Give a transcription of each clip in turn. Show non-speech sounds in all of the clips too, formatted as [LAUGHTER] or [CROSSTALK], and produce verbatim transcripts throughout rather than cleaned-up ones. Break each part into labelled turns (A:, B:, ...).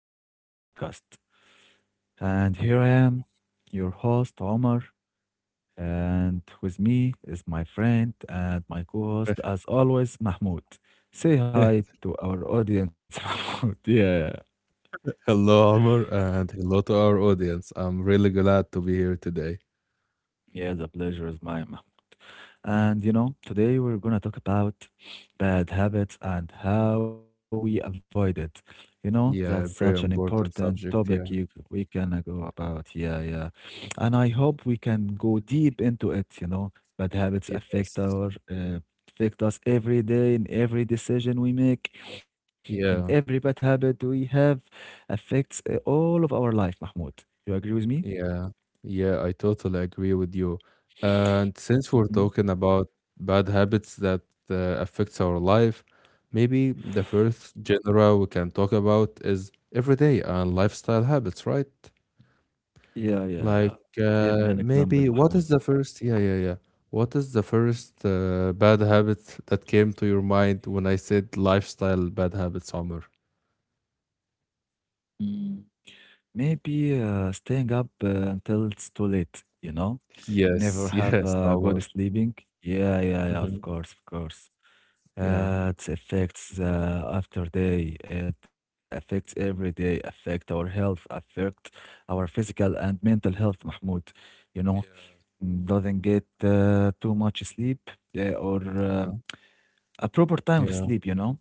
A: to our podcast. And here I am, your host, Omar. And with me is my friend and my co host, as always, Mahmoud. Say hi to
B: [LAUGHS]
A: our audience, [LAUGHS] Mahmoud. Yeah,
B: Hello, Amr, and hello to our audience. I'm really glad to be here today.
A: yeah, the pleasure is mine, Mahmoud. And you know, today we're gonna talk about bad habits and how we avoid it. You know, that's such
B: Yeah,
A: an
B: very
A: important
B: important
A: topic
B: subject.
A: you,
B: Yeah.
A: we can uh, go about. Yeah, yeah. [SNIFFS] And I hope we can go deep into it, you know. Bad habits affect
B: Yes.
A: our uh, affect us every day in every decision we make, and every
B: Yeah.
A: bad habit we have affects uh, all of our life, Mahmoud. You agree with me?
B: Yeah. Yeah. I totally agree with you. And since we're
A: Mhm.
B: talking about bad habits that uh, affects our life, maybe the first genre we can talk about is everyday and lifestyle habits, right?
A: Yeah, yeah, yeah.
B: Like,
A: Give me an
B: uh,
A: example,
B: maybe what
A: Mahmoud.
B: is the first yeah, yeah, yeah. What is the first uh, bad habit that came to your mind when I said lifestyle bad habits, Omar?
A: Maybe uh, staying up uh, until it's too late, you know? Never
B: Yes,
A: have
B: yes,
A: uh, good
B: Omar.
A: sleeping. Yeah, yeah, yeah, of
B: Hmm.
A: course, of course.
B: Yeah.
A: Uh, it affects uh, after day. It affects every day, affect our health, affect our physical and mental health, Mahmoud. You know,
B: Yeah,
A: Mm, doesn't get uh, too much sleep uh, or uh,
B: okay.
A: a proper time of
B: Yeah.
A: sleep, you know?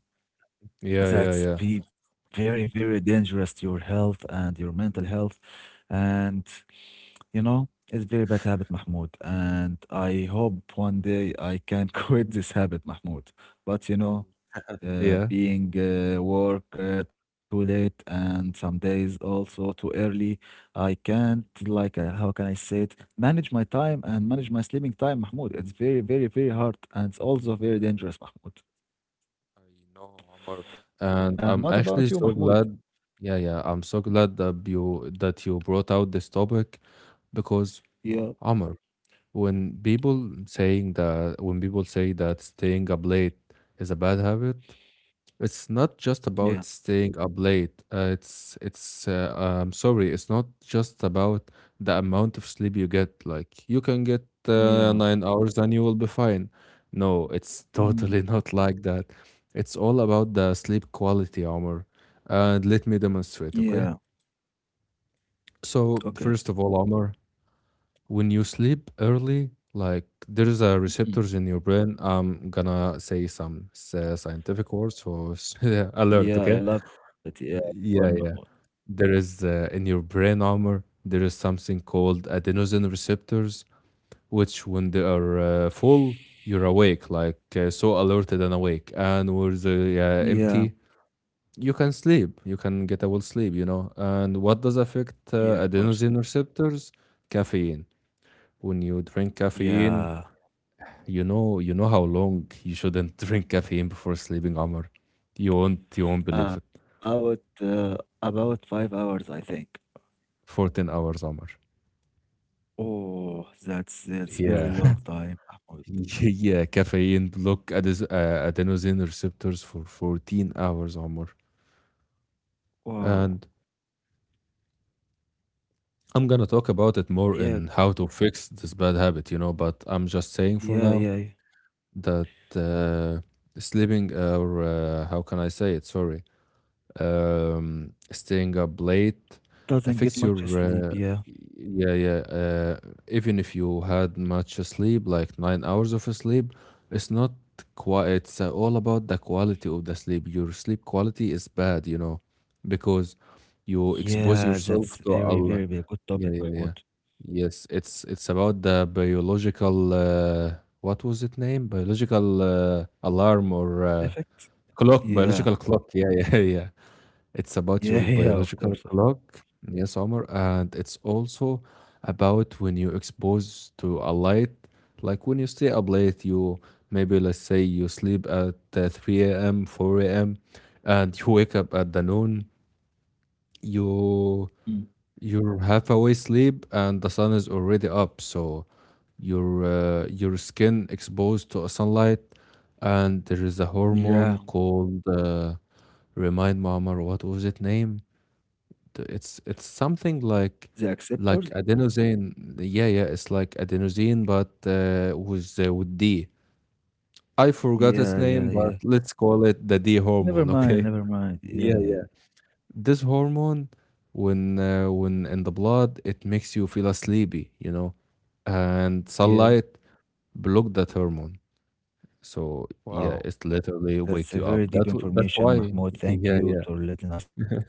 B: Yeah, yeah,
A: That's
B: yeah.
A: be very, very dangerous to your health and your mental health.
B: Mhm.
A: And you know, it's very bad habit, Mahmoud, and I hope one day I can [LAUGHS] quit this habit, Mahmoud. But you know,
B: Well,
A: uh,
B: yeah.
A: being uh, work uh, too late, and some days also too early, I can't like uh, how can I say it? Manage my time and manage my sleeping time, Mahmoud. It's very, very, very hard, and it's also very dangerous, Mahmoud.
B: I know, Omar.
A: And what
B: And I'm
A: about you,
B: actually
A: Mahmoud?
B: so glad. Yeah, yeah. I'm so glad that you that you brought out this topic because
A: Yeah,
B: Amr, when people saying that when people say that staying up late is a bad habit. It's not
A: yeah,
B: just about staying up late uh, it's it's uh, I'm sorry it's not just about the amount of sleep you get. Like, you can get uh,
A: yeah,
B: nine hours and you will be fine. No, it's
A: mm,
B: totally [LAUGHS] not like that. It's all about the sleep quality, Omar. And let me demonstrate,
A: yeah.
B: okay? So
A: Okay.
B: first of all, Omar, when you sleep early, like, there's a
A: Mhm.
B: receptors in your brain. I'm gonna say some sci- scientific words, so s- [LAUGHS] yeah, alert,
A: Yeah,
B: okay?
A: I love it. Yeah, go on,
B: Yeah,
A: Mahmoud.
B: yeah. There is, uh, in your brain, armor, there is something called adenosine receptors, which when they are uh, full, you're awake, like uh, so alerted and awake. And when they are empty,
A: Yeah,
B: you can sleep. You can get a well sleep, you know. And what does affect uh,
A: yeah, of course.
B: adenosine receptors? Caffeine. When you drink caffeine,
A: Yeah,
B: You know, you know how long you shouldn't [LAUGHS] drink caffeine before sleeping, Amr. You won't, you won't believe it.
A: about uh, about five hours, I think.
B: fourteen hours, Amr.
A: Oh, that's that's
B: Yeah,
A: very long time,
B: [LAUGHS]
A: Mahmoud.
B: yeah, caffeine block ades- uh, adenosine receptors for fourteen hours, Amr.
A: Wow.
B: And I'm gonna talk about it more in
A: Yeah,
B: how to fix this bad habit, you know, but I'm just saying for now
A: yeah, yeah. Yeah.
B: that uh, sleeping, or uh, how can I say it? Sorry, um, staying up late
A: Doesn't
B: affects
A: get
B: your
A: much sleep.
B: uh,
A: Yeah,
B: yeah yeah uh, even if you had much sleep, like nine hours of sleep, it's not quite, it's uh, all about the quality of the sleep. Your sleep quality is bad, you know, because you expose
A: yeah.
B: yourself
A: That's
B: to
A: very, very,
B: Allah.
A: very good
B: Yeah,
A: topic,
B: yeah, yeah.
A: Mahmoud.
B: Yes, it's it's about the biological uh, what was it name, biological uh, alarm or uh,
A: Effect.
B: clock, biological
A: Yeah,
B: clock, yeah yeah [LAUGHS] yeah, it's about
A: yeah, [LAUGHS]
B: your
A: yeah. Of course,
B: biological
A: of course.
B: clock. Yes, Omar. And it's also about when you expose to a light, like when you stay up late, you maybe, let's say you sleep at uh, three a m, four a m, and you wake up at the noon, you
A: Mm.
B: you're half awake sleep and the sun is already up. So your uh, your skin exposed to a sunlight, and there is a hormone
A: Yeah,
B: called uh, remind me, Omar, what was it name? t- it's it's something
A: the
B: like
A: acceptors.
B: like adenosine. Yeah, yeah, it's like adenosine, but uh, with uh, with D. I forgot its
A: Yeah,
B: name,
A: yeah,
B: but
A: yeah.
B: let's call it the D
A: Never
B: hormone.
A: mind,
B: Okay.
A: never mind. Yeah,
B: Yeah,
A: yeah,
B: yeah. This hormone, when uh, when in the blood, it makes you feel sleepy. You know, and
A: yeah.
B: sunlight block that hormone. So yeah,
A: Wow.
B: it literally
A: That's
B: wake
A: a
B: you
A: very
B: up.
A: deep
B: That w- that's
A: information,
B: why.
A: Mahmoud.
B: [LAUGHS]
A: Thank
B: Yeah,
A: you
B: yeah.
A: for letting us know that.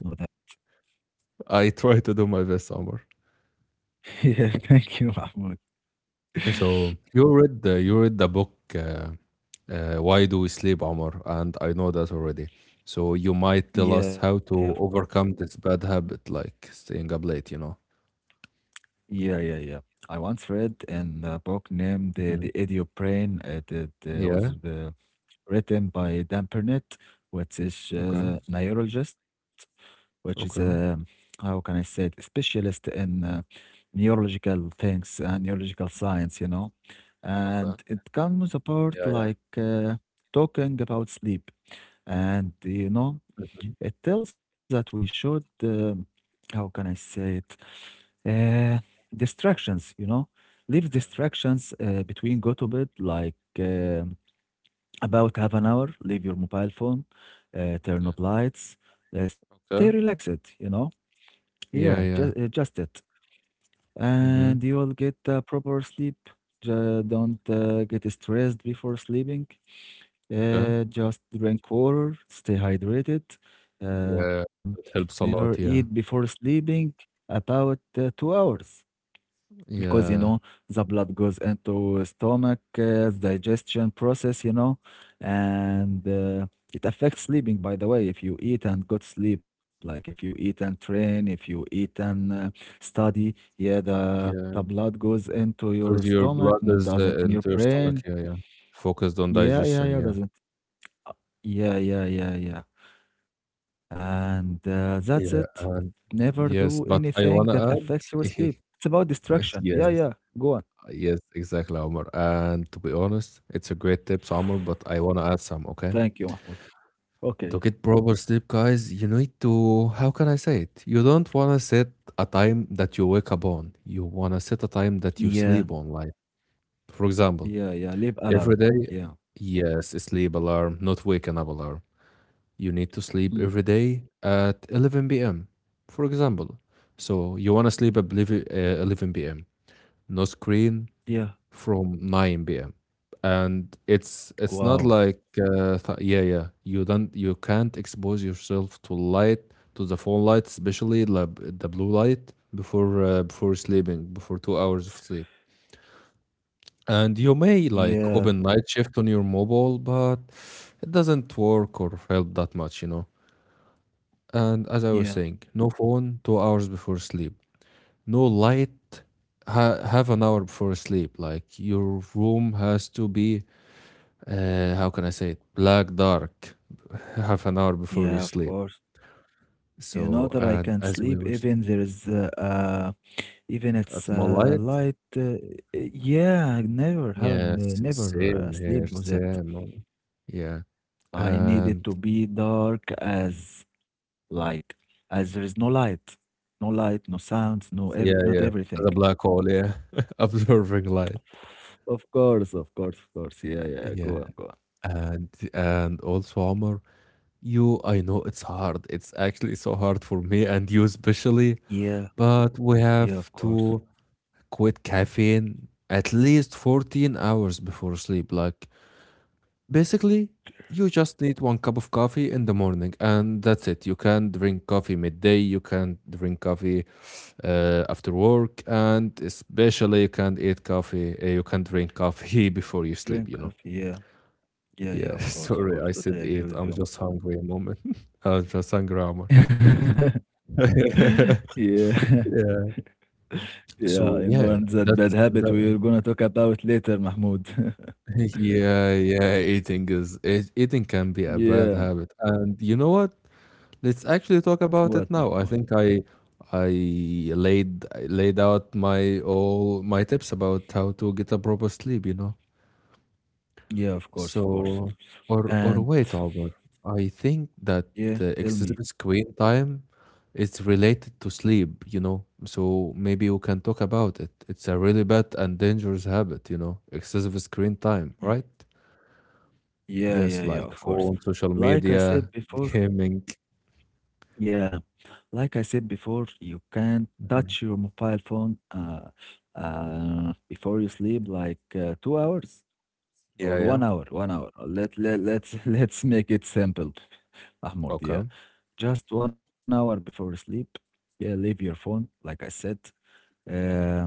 B: I try to do my best, Omar.
A: [LAUGHS] Yeah, thank you, Mahmoud. [LAUGHS]
B: So you read the you read the book uh, uh, Why Do We Sleep, Omar, and I know that already. So you might tell us
A: Yeah, yeah,
B: how
A: of course.
B: to overcome this bad habit, like staying up late. You know.
A: Yeah, yeah, yeah. I once read in a book named uh, The
B: Hmm.
A: Idiot Brain. uh, It, uh, was
B: Yeah.
A: uh, written by Dan Pernett, which is
B: Okay.
A: a neurologist, which is a,
B: Okay.
A: how can I say it, specialist in uh, neurological things and neurological science, you know.
B: Okay.
A: And it comes apart
B: Yeah. Yeah.
A: like uh, talking about sleep. And you know, it tells that we should, um, how can I say it? Uh, Distractions, you know, leave distractions uh, between go to bed, like um about half an hour, leave your mobile phone, uh, turn
B: Okay.
A: off lights, uh, stay
B: Okay.
A: relaxed, you know. Yeah,
B: Yeah.
A: just, uh,
B: Yeah.
A: just it. And
B: Mm-hmm.
A: you'll get uh, proper sleep. Ju- don't uh, get stressed before sleeping.
B: Okay.
A: Uh, just drink water, stay hydrated, um,
B: Yeah. That
A: never
B: helps a
A: eat
B: lot. Yeah.
A: before sleeping about uh, two hours, because you
B: Yeah.
A: know the blood goes into stomach, uh, digestion process you know and uh, it affects sleeping. By the way, if you eat and go to sleep, like if you eat and train, if you eat and uh, study, yeah, the the
B: Yeah.
A: blood goes into your
B: Because your
A: stomach
B: blood
A: and it
B: is uh,
A: doesn't in your
B: into your stomach.
A: brain.
B: Yeah. Yeah. Focused on
A: Yeah, yeah,
B: digestion.
A: yeah,
B: Yeah.
A: doesn't, yeah, yeah, yeah, yeah. And uh, that's it.
B: Yeah. And
A: Never do
B: yes, but
A: anything
B: I
A: that
B: wanna
A: affects
B: add.
A: your sleep.
B: [LAUGHS]
A: It's about distraction. Yeah,
B: Yes,
A: yeah. Go on.
B: uh, yes, exactly, Omar. And to be honest, it's a great tips, Omar, but I want to add some, okay?
A: Thank you, Mahmoud.
B: To
A: Okay.
B: get proper sleep, guys, you need to, how can I say it? You don't want to set a time that you wake up on. You want to set a time that you sleep
A: Yeah,
B: on. Like, for example,
A: yeah, yeah. Leave
B: every
A: alarm.
B: day,
A: Yeah.
B: yes, a sleep alarm, not waking up alarm. You need to sleep every
A: Hmm.
B: day at eleven p m, for example. So you want to sleep at eleven uh, eleven p m. No screen,
A: Yeah.
B: from nine p m. And it's it's not
A: Wow.
B: like uh, th- yeah yeah you don't, you can't expose yourself to light, to the phone light, especially the b- the blue light before uh, before sleeping, before two hours of sleep. And you may like open
A: Yeah,
B: night shift on your mobile, but it doesn't work or help that much, you know. And as I
A: yeah,
B: was saying, no phone two hours before sleep, no light ha- half an hour before sleep. Like, your room has to be uh, how can I say it? Black dark, [LAUGHS] half an hour before you
A: yeah.
B: sleep.
A: Of course. You know
B: So,
A: that I
B: and
A: can
B: as we
A: sleep
B: were
A: even
B: saying,
A: there is uh, uh even
B: a
A: it's
B: small
A: uh
B: light.
A: light. Uh, yeah, never, hell,
B: Yes,
A: never uh,
B: same here,
A: sleep with it.
B: same. On, yeah,
A: I need it
B: and
A: to be dark, as like as there is no light, no light, no sounds, no every
B: yeah,
A: not
B: yeah,
A: everything.
B: the black hole. Yeah, [LAUGHS] absorbing light.
A: Of course, of course, of course. Yeah, yeah. Go
B: Yeah,
A: on, go on.
B: and and also Omar, you, I know it's hard. It's actually so hard for me and you especially,
A: Yeah,
B: but we
A: yeah, of
B: have
A: course.
B: to quit caffeine at least fourteen hours before sleep. Like, basically, you just need one cup of coffee in the morning, and that's it. You can drink coffee midday, you can drink coffee uh, after work, and especially you can eat coffee, uh, you can drink coffee [LAUGHS] before you sleep,
A: Drink
B: you know?
A: coffee. Yeah, yeah, yeah.
B: Yeah, [LAUGHS]
A: Of course, of
B: sorry,
A: course.
B: I
A: Totally
B: said
A: agree
B: eat.
A: with
B: I'm
A: you,
B: just
A: Mahmoud.
B: hungry a moment. [LAUGHS] I'm just hungry, Omar.
A: [LAUGHS]
B: [LAUGHS]
A: Yeah,
B: Yeah.
A: [LAUGHS] yeah. I
B: So
A: know, and
B: yeah,
A: that bad
B: that's
A: habit
B: that,
A: we're gonna talk about later, Mahmoud. [LAUGHS]
B: [LAUGHS] yeah, yeah. Eating is it, eating can be a bad
A: Yeah.
B: habit, and you know what? Let's actually talk
A: What,
B: about it
A: Mahmoud?
B: now. I think I I laid I laid out my all my tips about how to get a proper sleep, you know.
A: Yeah, of course, of course.
B: So, or or
A: And
B: wait, Albert. I think that
A: yeah,
B: uh,
A: tell
B: excessive
A: me.
B: screen time is related to sleep, you know. So maybe we can talk about it. It's a really bad and dangerous habit, you know. Excessive screen time,
A: Ye-
B: right?
A: Yeah,
B: Yes,
A: yeah, yeah,
B: like
A: of course.
B: phone, social
A: Like I
B: media,
A: said
B: [LAUGHS]
A: before,
B: gaming.
A: yeah, like I said before, you can touch your
B: Mhm.
A: mobile phone uh, uh, before you sleep, like uh, two hours or
B: Yeah, yeah.
A: one hour, one hour. Let, let, let's, [LAUGHS] let's make it simple, [LAUGHS] Mahmoud. Yeah,
B: Okay.
A: just one hour before sleep. Yeah, leave your phone, like I said. um.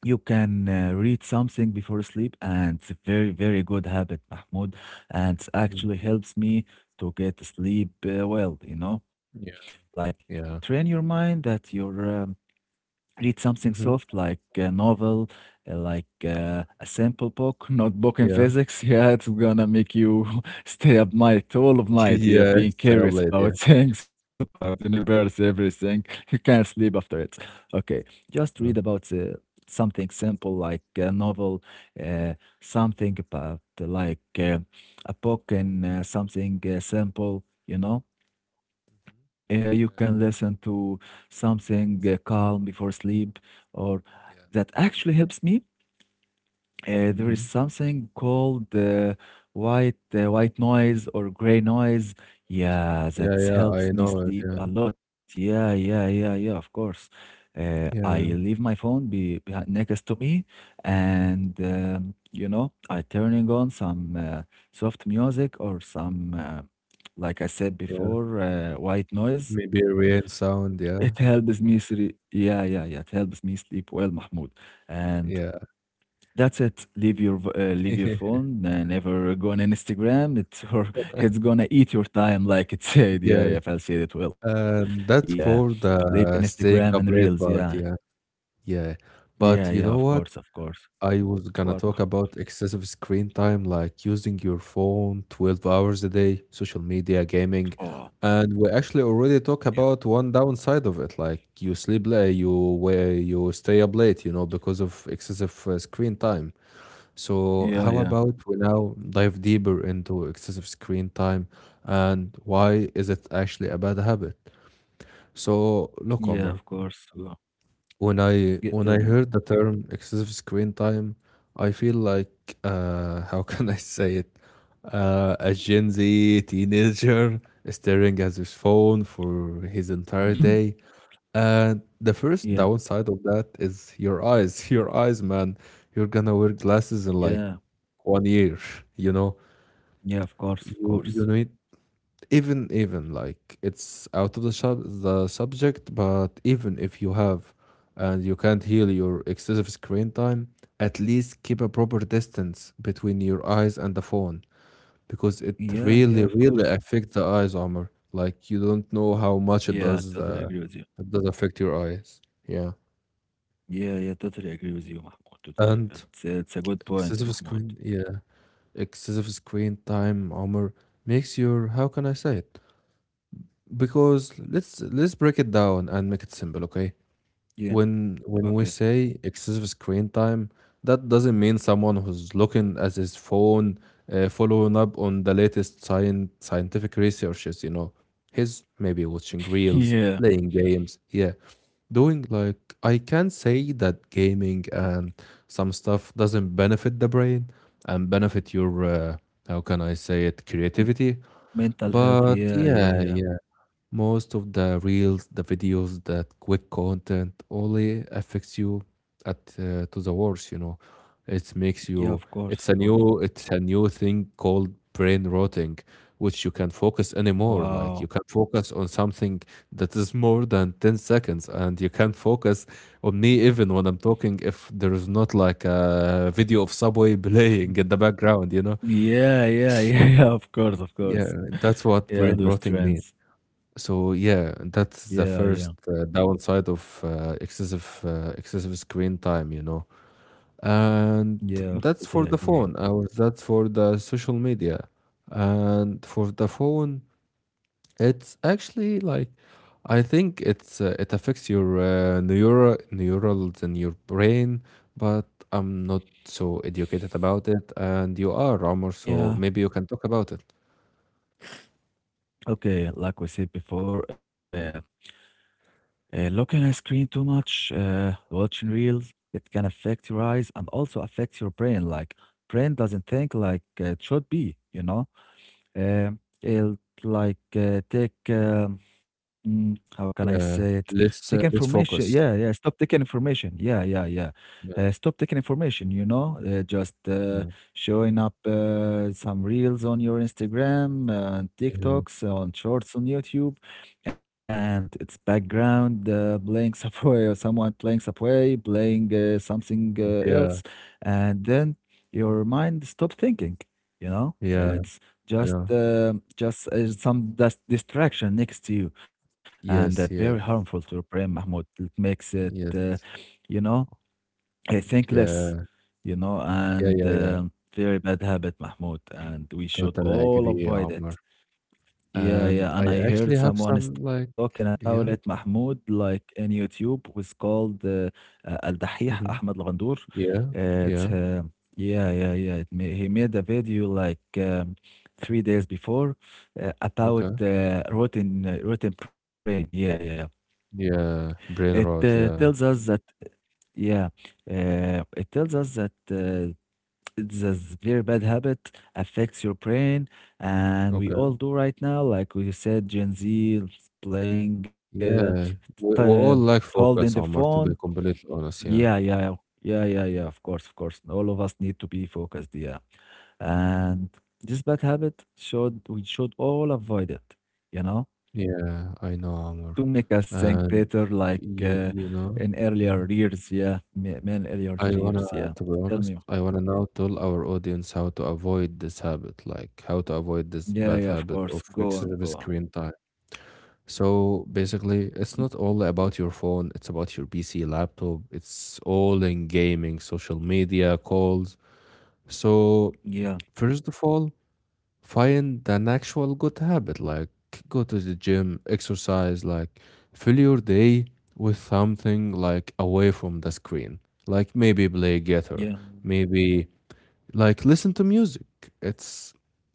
A: You can uh, read something before sleep, and it's a very, very good habit, Mahmoud. And it
B: Mm.
A: actually helps me to get sleep uh, well, you know? Like, train
B: Yeah.
A: your mind that your um, read something soft
B: Mhm.
A: like a novel, uh, like uh, a simple book, [LAUGHS] not book in
B: Yeah.
A: physics. [LAUGHS] Yeah, it's gonna make you [LAUGHS] stay up night, all of
B: [LAUGHS]
A: night. You're
B: Yeah,
A: being
B: same
A: curious
B: late,
A: about [LAUGHS]
B: yeah.
A: things, about universe, everything. You can't sleep after it. Okay, just read
B: Uh.
A: about uh, something simple like a novel, uh, something about uh, like uh, a book and uh, something uh, simple. You know, uh,
B: Mhm.
A: you can
B: Yeah, yeah,
A: listen to something uh, calm before sleep, or
B: yeah.
A: that actually helps me. Uh, there is
B: Mhm.
A: something called uh, white uh, white noise or gray noise. Yeah, that
B: Yeah, yeah,
A: helps
B: I
A: me
B: know it,
A: sleep
B: yeah.
A: a lot. Yeah, yeah, yeah, yeah. Of course, uh, I
B: Yeah,
A: leave my phone be, behind next to me, and um, you know, I turning on some uh, soft music, or some, uh, like I said
B: yeah.
A: before, uh, white noise,
B: Maybe rain sound,
A: it
B: yeah.
A: helps me sleep. Yeah, yeah, yeah. It helps me sleep well, Mahmoud. And
B: Yeah.
A: that's it. Leave your v- uh, leave your
B: [LAUGHS]
A: phone. Uh, never go on Instagram. It's [LAUGHS] or it's gonna eat your time, like it said. Yeah,
B: Yes,
A: yeah. Fal said it will.
B: and
A: Yeah.
B: that's for
A: Leave
B: the
A: Instagram and
B: staying up
A: Reels.
B: late
A: Yeah,
B: part, yeah. Yeah.
A: yeah,
B: But you
A: yeah.
B: know
A: Of
B: what?
A: course, of course.
B: I was gonna
A: What,
B: talk
A: Mahmoud?
B: about excessive screen time, like using your phone twelve hours a day, social media, gaming,
A: Oh,
B: and we actually already
A: yeah,
B: talk about one downside of it, like you sleep late, you where you stay up late, you know, because of excessive uh, screen time. So
A: yeah,
B: how
A: yeah,
B: about we now dive deeper into excessive screen time and why is it actually a bad habit? So
A: yeah.
B: look,
A: Of
B: Omar,
A: course. Yeah.
B: when
A: Get
B: I
A: Tell
B: when
A: me,
B: I heard the term excessive screen time, I feel like uh, [LAUGHS] how can I say it? Uh, a Gen Z teenager [LAUGHS] staring at his phone for his
A: Mahmoud.
B: entire day. And
A: [CLEARS THROAT]
B: the
A: Yeah,
B: first downside of that is your eyes. [LAUGHS] Your eyes, man. You're gonna wear glasses in like
A: yeah,
B: one year, [LAUGHS] you know.
A: yeah. Of course, of
B: You you
A: course.
B: need even even like, it's out of the sub the subject, but even if you have and you can't heal your excessive screen time, at least keep a proper distance between your eyes and the phone, because it
A: Yeah, yeah.
B: really
A: Of
B: really
A: course.
B: affects the eyes, armor. Like, you don't know how
A: Yeah, I
B: much it
A: totally
B: does,
A: agree with you.
B: the, it does affect your eyes, yeah.
A: Yeah, yeah, totally agree with you, Mahmoud. Totally agree. And
B: And
A: It's, it's a good point,
B: excessive
A: Mahmoud.
B: screen, yeah, excessive screen time, armor, makes your, how can I say it? Because let's let's break it down and make it simple, okay?
A: Yeah,
B: When when
A: okay.
B: we say excessive screen time, that doesn't mean someone who's looking at his phone, uh, following up on the latest science scientific researches, you know. He's
A: [LAUGHS]
B: maybe watching
A: Yeah,
B: reels, playing games, yeah, doing like, I can say that gaming and some stuff doesn't benefit the brain and benefit your uh, how can I say it,
A: m-
B: creativity,
A: mental health.
B: but
A: Yeah,
B: yeah,
A: yeah, yeah.
B: yeah. Most of the reels, the videos, that quick content only affects you at uh, to the worst, you know. It makes
A: Yeah,
B: you,
A: of course,
B: it's
A: of
B: a
A: course.
B: new, it's a new thing called brain rotting, which you can't focus anymore. Like you
A: Wow.
B: can not focus on something that is more than ten seconds, and you can't focus on me even when I'm talking if there is not like a video of Subway [LAUGHS] playing in the
A: [LAUGHS]
B: background, you know?
A: Yeah, yeah, yeah, [LAUGHS] yeah, of course, of
B: Yeah,
A: course. [LAUGHS]
B: that's what
A: Yeah,
B: brain
A: those
B: rotting means.
A: trends.
B: So yeah,
A: Yeah,
B: that's the
A: yeah,
B: first uh, downside of uh, excessive uh, excessive screen time, you know. And
A: yeah,
B: that's for
A: totally
B: the
A: agree.
B: phone, or that's for the social media. And for the phone, it's actually like I think it's uh, it affects your uh, neural neurals in your brain, but I'm not so educated about it, and you are, Ramor, so
A: Yeah,
B: maybe you can talk about it.
A: okay. Like we said before, uh, Uh, looking at screen too much, uh, watching reels, it can affect your eyes and also affect your brain. Like, brain doesn't think like it should be, you know. Uh, it'll like uh, take um, mm, how can I say
B: Yeah,
A: it? Take
B: let's uh, let's
A: information. Yeah,
B: focus.
A: yeah. Stop taking information. Yeah, yeah, yeah. Uh,
B: Yeah,
A: stop taking information. You know, uh, just uh,
B: yeah,
A: showing up uh, some reels on your Instagram, uh,
B: yeah,
A: TikToks, on Shorts on YouTube, and it's background uh, playing Subway [LAUGHS] or someone playing Subway, playing uh, something uh,
B: yeah.
A: else, and then your mind stop thinking you know
B: Yeah,
A: it's
B: I
A: just
B: know.
A: uh, just uh, some dust distraction next to you, and that very
B: Yes, yes,
A: harmful to your brain, Mahmoud. It makes it uh,
B: yes.
A: you know I think less,
B: Yeah,
A: you know
B: yeah,
A: and
B: yeah, yeah.
A: uh, very bad habit, Mahmoud, and we should
B: Totally
A: all
B: agree,
A: avoid
B: Omar.
A: it. Yeah,
B: And
A: yeah,
B: I
A: and I heard
B: actually have
A: someone is
B: some
A: talking
B: like,
A: about it,
B: yeah,
A: Mahmoud, like in YouTube, was called uh, uh, Al Dahih Ahmed
B: hmm,
A: Al Ghandour.
B: yeah,
A: Uh, It's
B: yeah.
A: uh, Yeah, yeah, yeah. It ma He made a video like um, three days before uh, about
B: Okay.
A: uh, rotten uh, rotten brain. Yeah, yeah, yeah.
B: Yeah,
A: It
B: brain
A: uh,
B: rot.
A: tells
B: Yeah.
A: us that yeah, uh, it tells us that uh, it's a s- very bad habit affects your brain, and we all
B: Okay.
A: do right now, like we said, Gen Z is playing uh,
B: Yeah, we
A: t-
B: we all lack
A: holding the
B: focus, Omar.
A: phone,
B: To be completely honest,
A: yeah,
B: yeah.
A: yeah, yeah, yeah, yeah, yeah, of course, of course, all of us need to be focused, yeah, and this bad habit, should we should all avoid it you know
B: Yeah, I know,
A: to make
B: Omar.
A: us think better,
B: And
A: like uh,
B: you you
A: in
B: know,
A: earlier
B: yeah.
A: years, yeah, ma- man, earlier
B: I
A: years.
B: wanna,
A: Yeah,
B: to be
A: tell
B: honest,
A: me.
B: I wanna now tell our audience how to avoid this habit, like how to avoid this
A: Yeah,
B: bad
A: yeah, of
B: habit
A: course,
B: of
A: go on,
B: excessive
A: go on.
B: screen time. So
A: Mm,
B: basically, it's not all about your phone, it's about your P C, laptop, it's all in gaming, social media, calls. So,
A: yeah.
B: first of all, find an actual good habit, like go to the gym, exercise, like fill your day with something like away from the screen. Like maybe play guitar,
A: Yeah,
B: maybe like listen to music. It's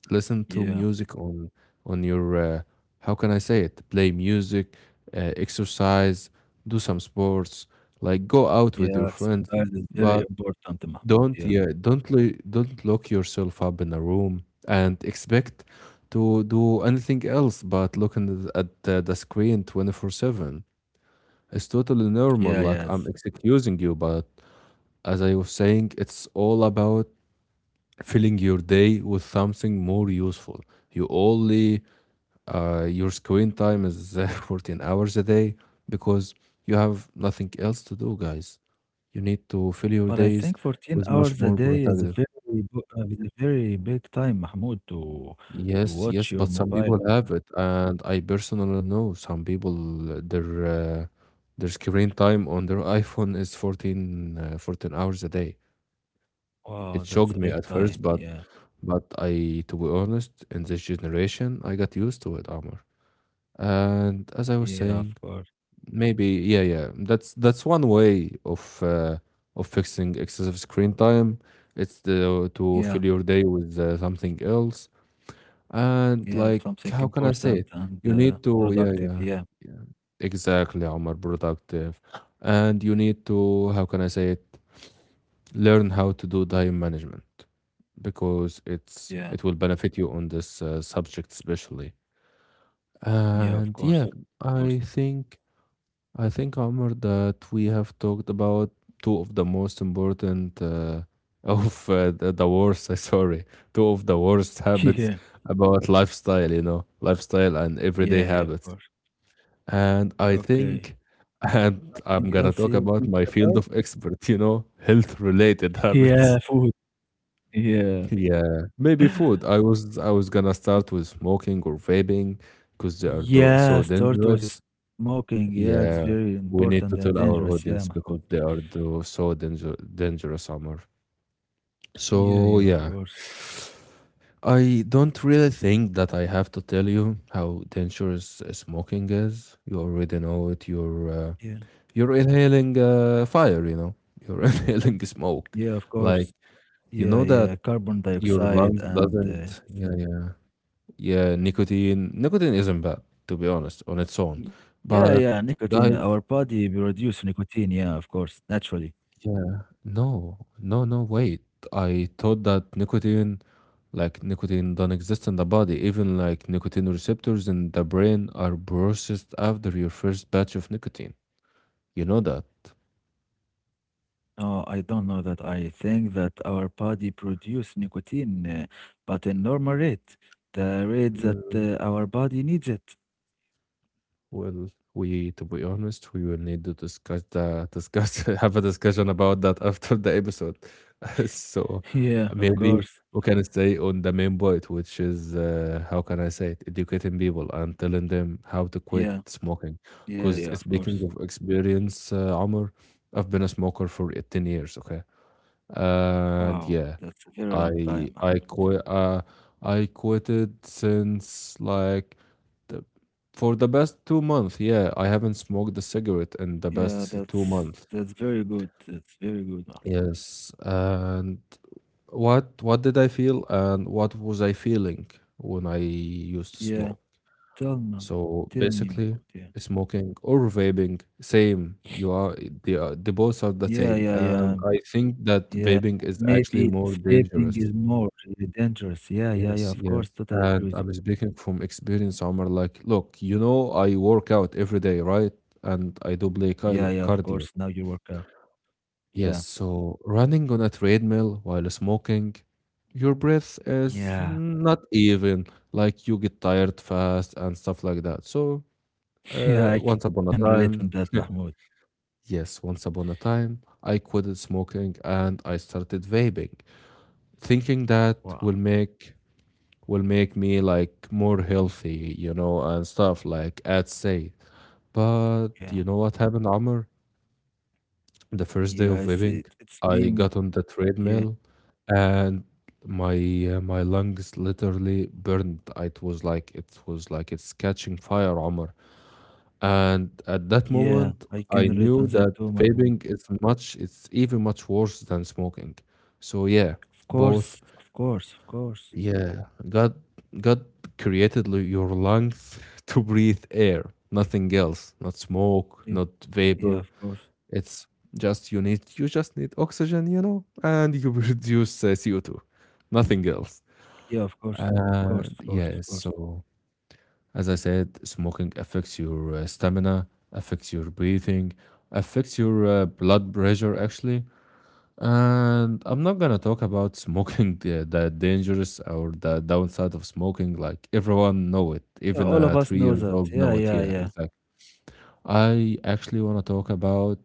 B: Listen to
A: yeah,
B: music on on your uh, how can I say it? Play music, uh, exercise, do some sports, like go out
A: yeah.
B: with your friends.
A: Exercise is very
B: But
A: important, Mahmoud.
B: don't
A: Yeah,
B: yeah, don't lo- don't lock yourself up in a room and expect to do anything else but looking at the at the, the screen twenty-four seven. It's totally
A: yeah,
B: normal.
A: yes.
B: Like I'm excusing you, but as I was saying, it's all about filling your day with something more useful. You only uh, your screen time is uh, [LAUGHS] fourteen hours a day because you have nothing else to do, guys. You need to fill
A: But
B: your
A: I think
B: days
A: fourteen
B: with much
A: hours a
B: more
A: day is a
B: productive.
A: very, bu- uh, is a very big time, Mahmoud, to to
B: Yes,
A: watch
B: yes,
A: your
B: but some
A: mobile.
B: people have it, and I personally know some people uh, their uh, their screen time on their iPhone is fourteen, uh, fourteen hours a day.
A: Wow,
B: It
A: that's
B: shocked
A: a
B: me
A: big
B: at
A: time.
B: first, but
A: Yeah,
B: but I, to be honest, in this generation, I got used to it, Amr. And
A: yeah,
B: as I was
A: of course.
B: saying, maybe yeah, yeah, that's that's one way of uh, of fixing excessive screen time. It's the, to
A: Yeah,
B: fill your day with uh, something else and
A: yeah.
B: like,
A: Something
B: how can I say
A: important
B: it?
A: and
B: You
A: uh,
B: need to, yeah,
A: productive.
B: yeah,
A: Yeah,
B: yeah, exactly, Omar, productive. And you need to, how can I say it? Learn how to do time management because it's
A: yeah,
B: it will benefit you on this uh, subject especially.
A: yeah. Of
B: And
A: course,
B: yeah,
A: of course.
B: I think I think, Omar, that we have talked about two of the most important uh, [LAUGHS] of uh, the, the worst, [LAUGHS] uh, sorry, two of the worst habits
A: [LAUGHS]
B: about lifestyle, you know, lifestyle and everyday
A: Yeah, yeah, yeah. Of
B: habits.
A: course.
B: And I
A: Okay.
B: think,
A: Yeah,
B: [LAUGHS] and
A: something
B: I'm
A: else
B: gonna
A: you
B: talk
A: want to
B: about
A: talk
B: my
A: about?
B: field of expert, you know, health related [LAUGHS]
A: Yeah,
B: habits.
A: food. [LAUGHS] Yeah.
B: Yeah, maybe food. I was I was gonna start with smoking or vaping because they are do
A: Yeah,
B: so
A: start with
B: dangerous.
A: smoking. Yeah, it's very
B: Yeah,
A: important
B: we
A: and
B: need to tell
A: dangerous.
B: our
A: Yeah,
B: audience
A: Mahmoud.
B: because they are the, so danger, dangerous, Amr.
A: Yeah,
B: So,
A: yeah, of
B: yeah,
A: course.
B: I don't really think that I have to tell you how dangerous uh, smoking is. You already know it. You're
A: Yeah,
B: uh, you're inhaling uh, fire. You know, you're [LAUGHS] inhaling smoke.
A: yeah, of course.
B: Like you
A: Yeah,
B: know that
A: yeah. Carbon
B: your
A: dioxide
B: lungs
A: and uh,
B: doesn't. Yeah,
A: s-
B: yeah, yeah. Nicotine, nicotine isn't bad to be honest on its own,
A: yeah,
B: but
A: yeah, nicotine.
B: guys,
A: Our body produce nicotine. Yeah, of course, naturally.
B: yeah. No. No, no, wait. I thought that nicotine, like nicotine, don't exist in the body. Even like nicotine receptors in the brain are processed after your first batch of nicotine. You know that?
A: No, I don't know that. I think that our body produce nicotine, uh, but in normal rate, the rate that uh, our body needs it.
B: Well, we, to be honest, we will need to discuss the discuss [LAUGHS] have a discussion about that after the episode. [LAUGHS] So
A: [LAUGHS] Yeah, of
B: maybe
A: course.
B: we can stay on the main point, which is uh, how can I say it? Educating people and telling them how to quit
A: Yeah,
B: smoking.
A: yeah, yeah, of
B: Because
A: course.
B: speaking of experience, uh, Omar, I've been a smoker for eighteen years. Okay, and
A: Wow,
B: yeah,
A: that's a very long
B: i
A: time, Mahmoud.
B: i quit uh i quitted since like the, for the best two months. Yeah, I haven't smoked a cigarette in the
A: Yeah,
B: best
A: that's
B: two
A: that's
B: months
A: very good. That's very good. Mahmoud.
B: Yes, and what what did I feel and what was I feeling when I used to
A: Yeah,
B: smoke?
A: tell me,
B: So
A: tell me, Mahmoud.
B: basically smoking or vaping same. You are they, are they both are the
A: Yeah, yeah, yeah,
B: same? And
A: yeah,
B: I think that
A: yeah.
B: vaping is actually
A: Maybe
B: more
A: vaping
B: dangerous.
A: is more uh, dangerous. Yeah, yeah, yeah.
B: Yes,
A: Of course,
B: yes.
A: totally agree
B: And
A: with you.
B: I'm speaking from experience, Omar. Like, look, you know, I work out every day, right? And I do play
A: Yeah, yeah. Of
B: car-
A: course. Now
B: cardio.
A: you work out. Yeah,
B: Yes, so running on a treadmill while smoking, your breath is
A: yeah,
B: not even. Like, you get tired fast and stuff like that. So,
A: [LAUGHS] yeah.
B: uh,
A: I can
B: once upon a
A: relate on that,
B: time,
A: Mahmoud.
B: [LAUGHS] yes, once upon a time, I quitted smoking and I started vaping, thinking that will
A: Wow.
B: make will make me like more healthy, you know, and stuff like ads say.
A: Yeah,
B: But you know what happened, Amr? The first
A: yeah.
B: day
A: It's
B: of
A: it,
B: vaping,
A: it's
B: I
A: being.
B: got on the
A: Yeah,
B: treadmill and my uh, my lungs literally burned. It was like it was like it's catching fire, Amr. And at that
A: yeah. I
B: moment,
A: can relate
B: I
A: on that
B: knew
A: too,
B: that
A: Mahmoud.
B: vaping is much, it's even much worse than smoking. So yeah,
A: Of course,
B: both.
A: of course, of course.
B: Yeah, God, God created l- your lungs [LAUGHS] to breathe air, nothing else, not
A: Yeah,
B: smoke, not
A: yeah, of
B: vapor.
A: course.
B: It's just you need, you just need oxygen, you know, and you [LAUGHS] produce uh, C O two, nothing else.
A: Yeah, of course. Of course,
B: And
A: of course,
B: yeah,
A: of course.
B: so as I said, smoking affects your uh, stamina, affects your breathing, affects your uh, blood pressure actually, and I'm not gonna talk about smoking [LAUGHS] the, the dangerous or the downside of smoking. Like everyone know it,
A: Yeah,
B: even
A: all
B: a
A: of us
B: three
A: know
B: years
A: that.
B: old
A: Yeah,
B: know it.
A: yeah,
B: Yeah,
A: yeah.
B: exactly. I actually wanna talk about.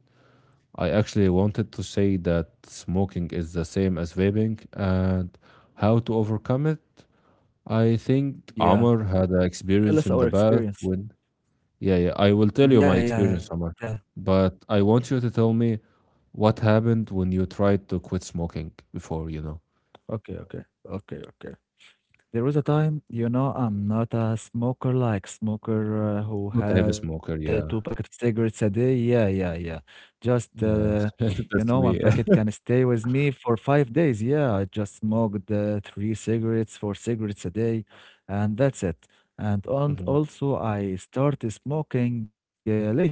B: I actually wanted to say that smoking is the same as vaping and how to overcome it. I think
A: Yeah.
B: Amr had an
A: Tell
B: experience
A: us
B: in the
A: our
B: past
A: experience.
B: when. Yeah, yeah. I will tell you
A: Yeah,
B: my
A: yeah,
B: experience,
A: yeah.
B: Amr. But I want you to tell me what happened when you tried to quit smoking before. You know.
A: Okay, okay. Okay, okay. There was a time, you know, I'm not a smoker like smoker uh, who
B: Not a heavy
A: had uh,
B: smoker,
A: two packet of
B: yeah.
A: cigarettes a day. Yeah, yeah, yeah. Just, uh,
B: Yeah, [LAUGHS]
A: you know,
B: that's
A: one
B: me.
A: packet can stay with me for five days. Yeah, I just smoked uh, three cigarettes, four cigarettes a day, and that's it. And on,
B: Mhm.
A: also, I started smoking uh, lately.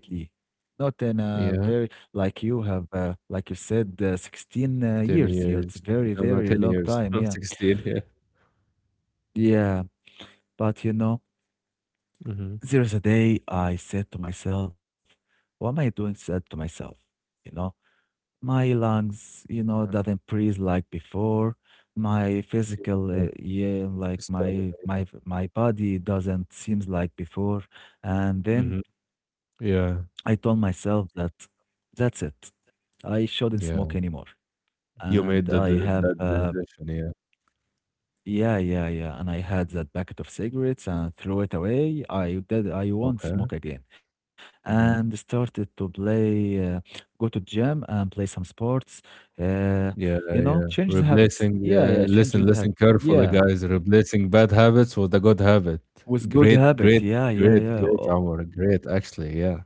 A: Not in a very,
B: Yeah,
A: like you have, uh, like you said, uh, sixteen uh,
B: ten
A: years. Yeah, it's
B: years.
A: very,
B: No, no,
A: very
B: ten
A: long
B: years, [LAUGHS]
A: time.
B: not
A: Yeah.
B: sixteen, yeah.
A: Yeah. But you know,
B: Mhm.
A: there is a day I said to myself, why am I doing that to myself? You know, my lungs, you know,
B: Yeah,
A: doesn't breathe like before. My physical,
B: yeah,
A: uh, yeah, like my
B: stamina, yeah.
A: my my body doesn't seems like before. And then
B: Mhm.
A: I
B: Yeah.
A: told myself that that's it. I shouldn't smoke
B: Yeah,
A: anymore.
B: you
A: And
B: made that
A: I
B: the
A: have
B: that
A: uh,
B: decision, yeah.
A: yeah, yeah, yeah. And I had that packet of cigarettes and threw it away. I did, I won't
B: Okay.
A: smoke again. And
B: Mhm.
A: started to play, uh, go to gym and play some sports. Uh,
B: Yeah,
A: you know,
B: yeah.
A: change the habits.
B: Replacing,
A: Yeah,
B: uh,
A: yeah, change
B: listen,
A: the
B: listen
A: habit.
B: carefully,
A: Yeah,
B: guys. Replacing bad habits with a good habit.
A: with good
B: Great,
A: habit.
B: great,
A: Yeah, yeah,
B: great,
A: yeah.
B: great, Omar. Great, actually, yeah.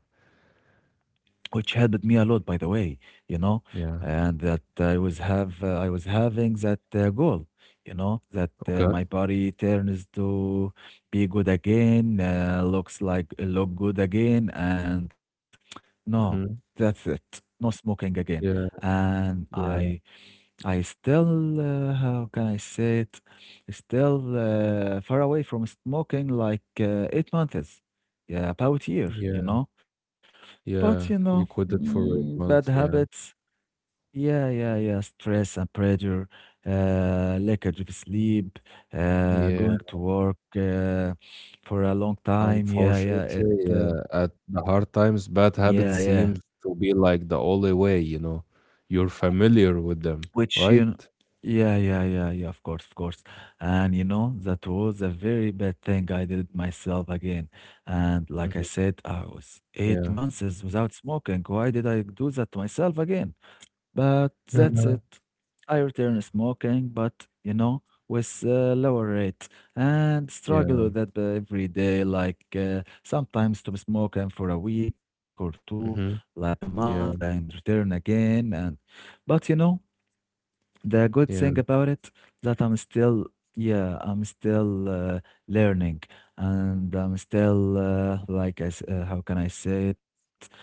A: Which helped me a lot by the way, you know,
B: Yeah.
A: and that i was have uh, i was having that uh, goal, you know, that uh,
B: Okay.
A: my body turns to be good again, uh, looks like uh, look good again. And [TSK] no,
B: Mhm.
A: that's it, no smoking again.
B: Yeah,
A: And i
B: yeah,
A: i still uh, how can I say it still uh, far away from smoking like uh, eight months, yeah, about year,
B: yeah.
A: you know. But you
B: Yeah,
A: know,
B: you quit it for
A: mm,
B: eight
A: bad
B: months, yeah.
A: habits. Yeah, yeah, yeah. Stress and pressure, uh, lackage of sleep, uh,
B: Yeah,
A: going to work uh, for a long time. Yeah, yeah. It.
B: unfortunately,
A: Uh,
B: yeah, at the hard times, bad
A: yeah,
B: habits
A: yeah.
B: seems to be like the only way, you know. You're familiar with them,
A: Which you.
B: right?
A: Know, yeah, yeah, yeah, yeah. Of course, of course. And you know, that was a very bad thing I did myself again. And like I
B: Mhm,
A: said, I was eight
B: yeah.
A: months is without smoking. Why did I do that to myself again? But that's it.
B: Yeah.
A: I return smoking, but you know, with a lower rate and struggle
B: Yeah.
A: with that every day. Like uh, sometimes to smoking for a week or two,
B: Mhm.
A: like a month, and
B: Yeah.
A: return again. And but you know, the good thing
B: Yeah.
A: about it that I'm still, yeah, I'm still uh, learning, and I'm still uh, like I, s- uh, how can I say it?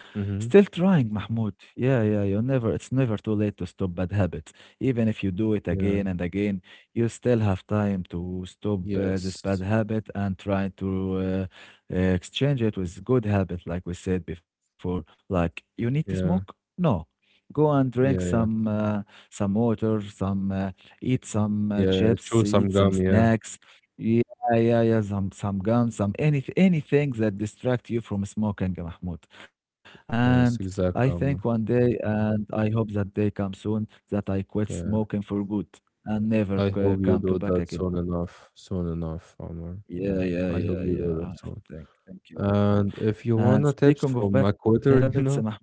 A: Still
B: Mhm.
A: trying, Mahmoud. Yeah, yeah, you never, it's never too late to stop bad habits. Even if you do it
B: Yeah.
A: again and again, you still have time to stop uh, this bad
B: Yes.
A: habit and try to uh, uh, exchange it with good habit, like we said before. Like, you need to smoke?
B: Yeah.
A: No. Go and drink some
B: Yeah.
A: uh, some water, some uh, eat some uh,
B: Yeah.
A: chips,
B: Chew some
A: eat some
B: gum. Yeah.
A: snacks. Yeah, yeah, yeah, some some gum, some anything anything that distract you from smoking, Mahmoud. And
B: Yes.
A: I think
B: Exactly,
A: one
B: Omar.
A: day, and I hope that day comes soon, that I quit
B: Yeah.
A: smoking for good and never
B: I
A: c-
B: hope you
A: come to
B: do
A: back
B: that
A: again.
B: soon enough. Soon enough, Omar. Yeah.
A: Yeah, yeah,
B: I hope
A: yeah,
B: you
A: yeah.
B: do
A: I
B: that soon.
A: Thank, thank you.
B: And if you
A: And
B: wanna tips
A: speaking of
B: from
A: bad
B: a
A: habits,
B: McWhorter, [LAUGHS] you know,
A: Mahmoud,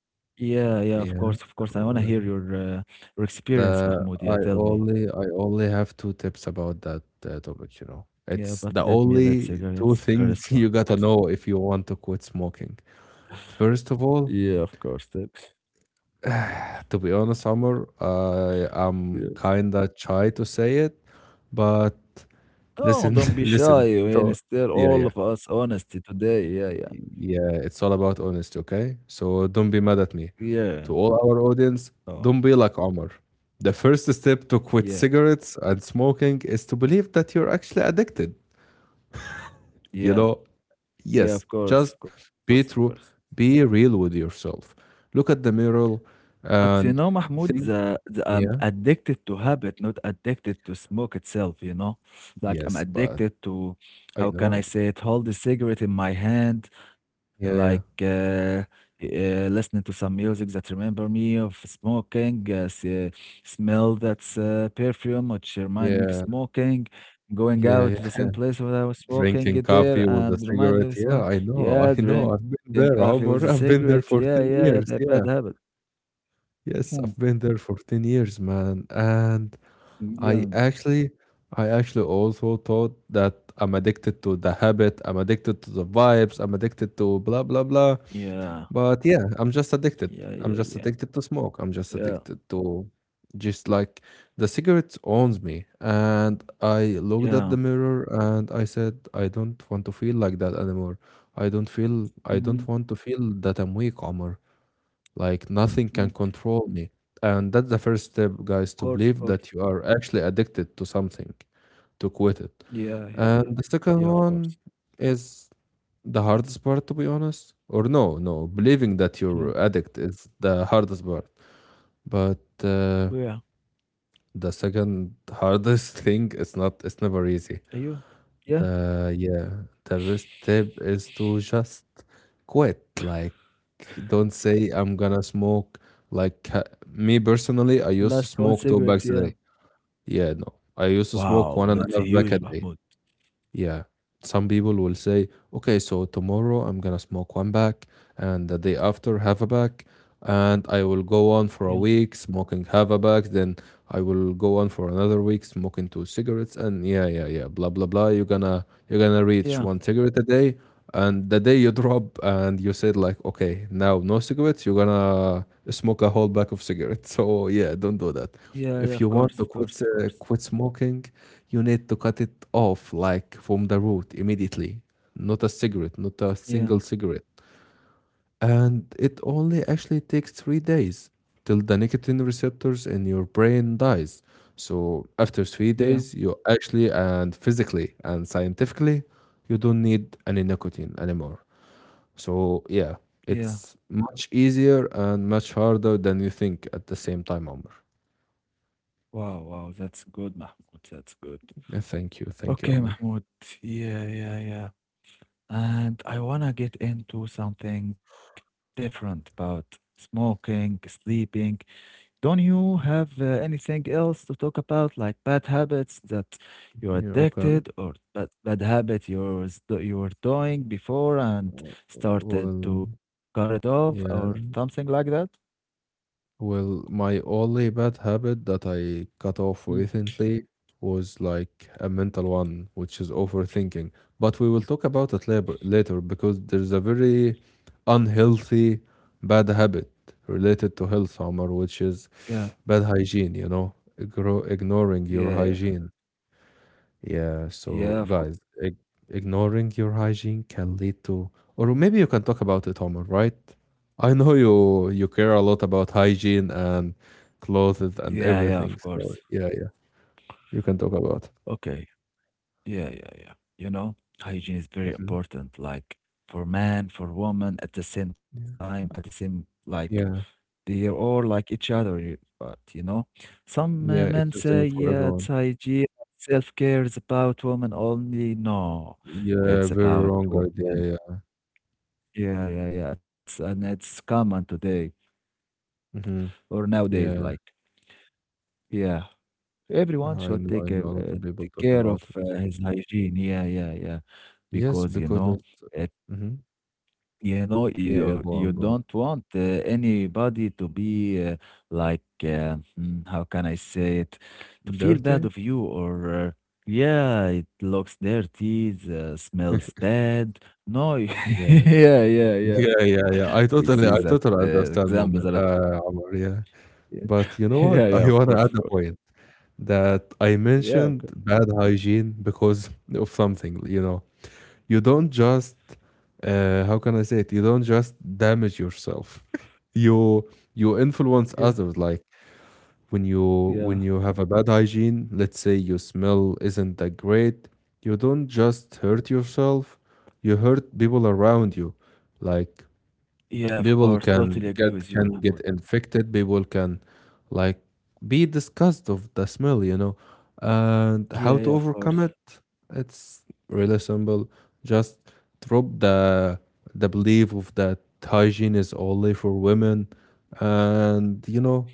A: yeah, yeah, of course, of
B: yeah,
A: course. I want to hear
B: well,
A: your uh, your experience,
B: the
A: Mahmoud. Yeah,
B: I
A: tell me.
B: only I only have two tips about that, uh, topic, you know.
A: Yeah,
B: It's the
A: but let me let
B: only two
A: cigarettes first,
B: things [LAUGHS] you gotta
A: Mahmoud.
B: know if you want to quit smoking. First of
A: Yeah,
B: all,
A: of course. That-
B: [SIGHS] to be honest, Amr, I am
A: yeah.
B: kinda shy to say it, but
A: No,
B: listen,
A: don't
B: [LAUGHS]
A: be shy.
B: listen,
A: I mean,
B: so
A: still
B: yeah,
A: all
B: yeah.
A: of us honesty today. Yeah, yeah.
B: Yeah, it's all about honesty, okay? So don't be mad at me.
A: Yeah.
B: To all our audience,
A: Oh,
B: don't be like Omar. The first step to quit
A: yeah.
B: cigarettes and smoking is to believe that you're actually addicted. You
A: Yeah.
B: know,
A: Yeah,
B: yes,
A: of course,
B: just
A: of course, of
B: be
A: course.
B: true, be real with yourself. Look at the mirror
A: But you know,
B: and
A: Mahmoud,
B: think,
A: the, the, I'm
B: yeah,
A: addicted to habit, not addicted to smoke itself, you know? Like, I'm
B: yes, but
A: addicted to,
B: I
A: how can I
B: know.
A: say it, hold the cigarette in my hand, like
B: Yeah, yeah,
A: uh, uh, listening to some music that remember me of smoking, uh, s- uh, smell that's uh, perfume, which remind me of
B: yeah,
A: smoking, going
B: yeah,
A: out
B: yeah.
A: to the same place where I was smoking
B: Drinking
A: it
B: coffee
A: there
B: with a
A: and remind me
B: cigarette.
A: of
B: Yeah,
A: smoke.
B: I know,
A: Yeah,
B: [LAUGHS] I know. I've
A: drinking
B: been
A: coffee
B: there,
A: with a
B: Omar. I've
A: cigarette.
B: been there
A: Yeah,
B: for
A: yeah, yeah,
B: ten
A: the bad
B: years. Yeah.
A: habit.
B: Yes, I've
A: [LAUGHS]
B: been there for ten years, man. And I
A: Young.
B: actually I actually also thought that I'm addicted to the habit, I'm addicted to the vibes, I'm addicted to blah blah blah.
A: Yeah.
B: But yeah, I'm just
A: Yeah,
B: addicted.
A: yeah, yeah.
B: I'm just addicted to smoke. I'm just
A: Yeah.
B: addicted to just like the cigarette owns me. And I looked at
A: Yeah.
B: the mirror and I said, I don't want to feel like that anymore. I don't feel, I
A: Mhm.
B: don't want to feel that I'm weak, Omar. Like nothing
A: Mm.
B: can control me. And that's the first step, guys,
A: Of
B: to
A: course, of
B: believe
A: course.
B: that you are actually addicted to something, to quit it.
A: Yeah, yeah,
B: And
A: yeah.
B: the second
A: Yeah, of
B: one
A: course.
B: is the hardest part, to be honest, or no, no, believing
A: Yeah.
B: that you're addict is the hardest part. But uh,
A: Yeah.
B: the second hardest [LAUGHS] thing is not. It's never easy.
A: Are you? Yeah.
B: The Yeah, the best tip is to just quit. Like, don't say I'm gonna smoke. Like ha- me personally, I used to
A: Last one
B: smoke two
A: cigarette,
B: bags a
A: yeah.
B: day. Yeah, no, I used to smoke
A: Wow,
B: one and
A: that's
B: a half pack a
A: huge,
B: day.
A: Mahmoud.
B: Yeah. Some people will say, okay, so tomorrow I'm gonna smoke one pack, and the day after, half a pack, and I will go on
A: Yeah.
B: for a week smoking half a pack, then I will go on for another week smoking two cigarettes, and yeah, yeah, yeah, blah blah blah. You're gonna you're gonna reach
A: Yeah.
B: one cigarette a day, and the day you drop and you said like, okay, now no cigarettes, you're gonna smoke a whole pack of cigarettes. [LAUGHS] So yeah, don't do that.
A: Yeah, yeah, of
B: If you
A: course,
B: want
A: of
B: to
A: course,
B: quit
A: of
B: uh,
A: course.
B: quit smoking, you need to cut it off like from the root immediately, not a cigarette, not a
A: Yeah.
B: single cigarette. And it only actually takes three days till the nicotine receptors in your brain dies. So after three
A: Yeah.
B: days you actually and physically and scientifically you don't need any nicotine anymore. So yeah,
A: Yeah.
B: it's much easier and much harder than you think at the same time, Omar.
A: Wow, wow, that's good, Mahmoud. That's good.
B: Yeah, thank you thank you
A: Okay,
B: Omar.
A: Mahmoud. Yeah, yeah, yeah. And I wanna get into something different about smoking, sleeping, don't you have uh, anything else to talk about, like bad habits that you're
B: Yeah, okay.
A: addicted or bad, bad habit you're, s- that you were doing before and started
B: Well,
A: to cut it off or
B: yeah.
A: something like that?
B: Well, my only bad habit that I cut off
A: Mm,
B: recently was like a mental one, which is overthinking. But we will talk about it later, later, because there's a very unhealthy bad habit related to health, Omar, which is
A: yeah,
B: bad hygiene, you know, Igro ignoring your
A: yeah, yeah,
B: hygiene. Yeah,
A: yeah,
B: so
A: of course.
B: guys, ig ignoring your hygiene can lead to, or maybe you can talk about it, Omar, right? I know you you care a lot about hygiene and clothes and
A: Yeah, yeah, of
B: everything.
A: course.
B: So yeah, yeah, you can talk about it.
A: Okay. Yeah, yeah, yeah. You know, hygiene is very
B: Mhm.
A: important, like for man, for woman, at the same time,
B: Yeah.
A: at the same, like
B: Yeah.
A: they're all like each other. you- But you know, some uh,
B: Yeah,
A: men
B: it's the
A: say
B: same for
A: yeah, it's
B: everyone.
A: hygiene, self-care is about women only. No,
B: Yeah,
A: it's
B: very
A: about
B: wrong
A: two of them.
B: idea. Yeah.
A: Yeah, yeah, yeah. It's and it's common today
B: Hmm.
A: or nowadays.
B: Yeah.
A: Like, yeah, everyone
B: I
A: should
B: know, I
A: take
B: know
A: a,
B: a lot
A: uh,
B: of people
A: take
B: talk
A: care of
B: about it.
A: uh, his hygiene. Yeah, yeah, yeah.
B: Yes,
A: Because you
B: because
A: know.
B: it's hmm
A: You know,
B: Yeah, yeah,
A: you
B: go on,
A: you
B: go on.
A: don't want uh, anybody to be uh, like uh, mm, how can I say it to feel
B: Dirty?
A: bad of you or uh, yeah, it looks dirty, it uh, smells bad. No, [LAUGHS]
B: Yes. [LAUGHS]
A: yeah, yeah, yeah.
B: Yeah, yeah, yeah.
A: We
B: I
A: see that
B: totally I
A: uh,
B: totally
A: examples
B: understand
A: are at
B: moment, uh Omar, yeah.
A: yeah,
B: But
A: [LAUGHS]
B: you know
A: yeah,
B: what?
A: yeah.
B: I
A: Of course,
B: wanna
A: of
B: add a
A: course.
B: point that I
A: Yeah, c-
B: mentioned bad hygiene because [LAUGHS] of something, you know. You don't just, uh, how can I say it? You don't just damage yourself. [LAUGHS] you you
A: yeah,
B: influence others. Like when you
A: yeah,
B: when you have a bad hygiene, let's say your smell isn't that great, you don't just hurt yourself, you hurt people around you. Like,
A: yeah. Of course,
B: people
A: totally agree
B: can
A: with you,
B: get
A: Mahmoud.
B: can get infected. People can, like, be disgusted of the smell, you know, and how
A: Yeah,
B: to
A: yeah, of course.
B: overcome it. It's really simple. Just drop the the belief of that hygiene is only for women, and you know,
A: Mm.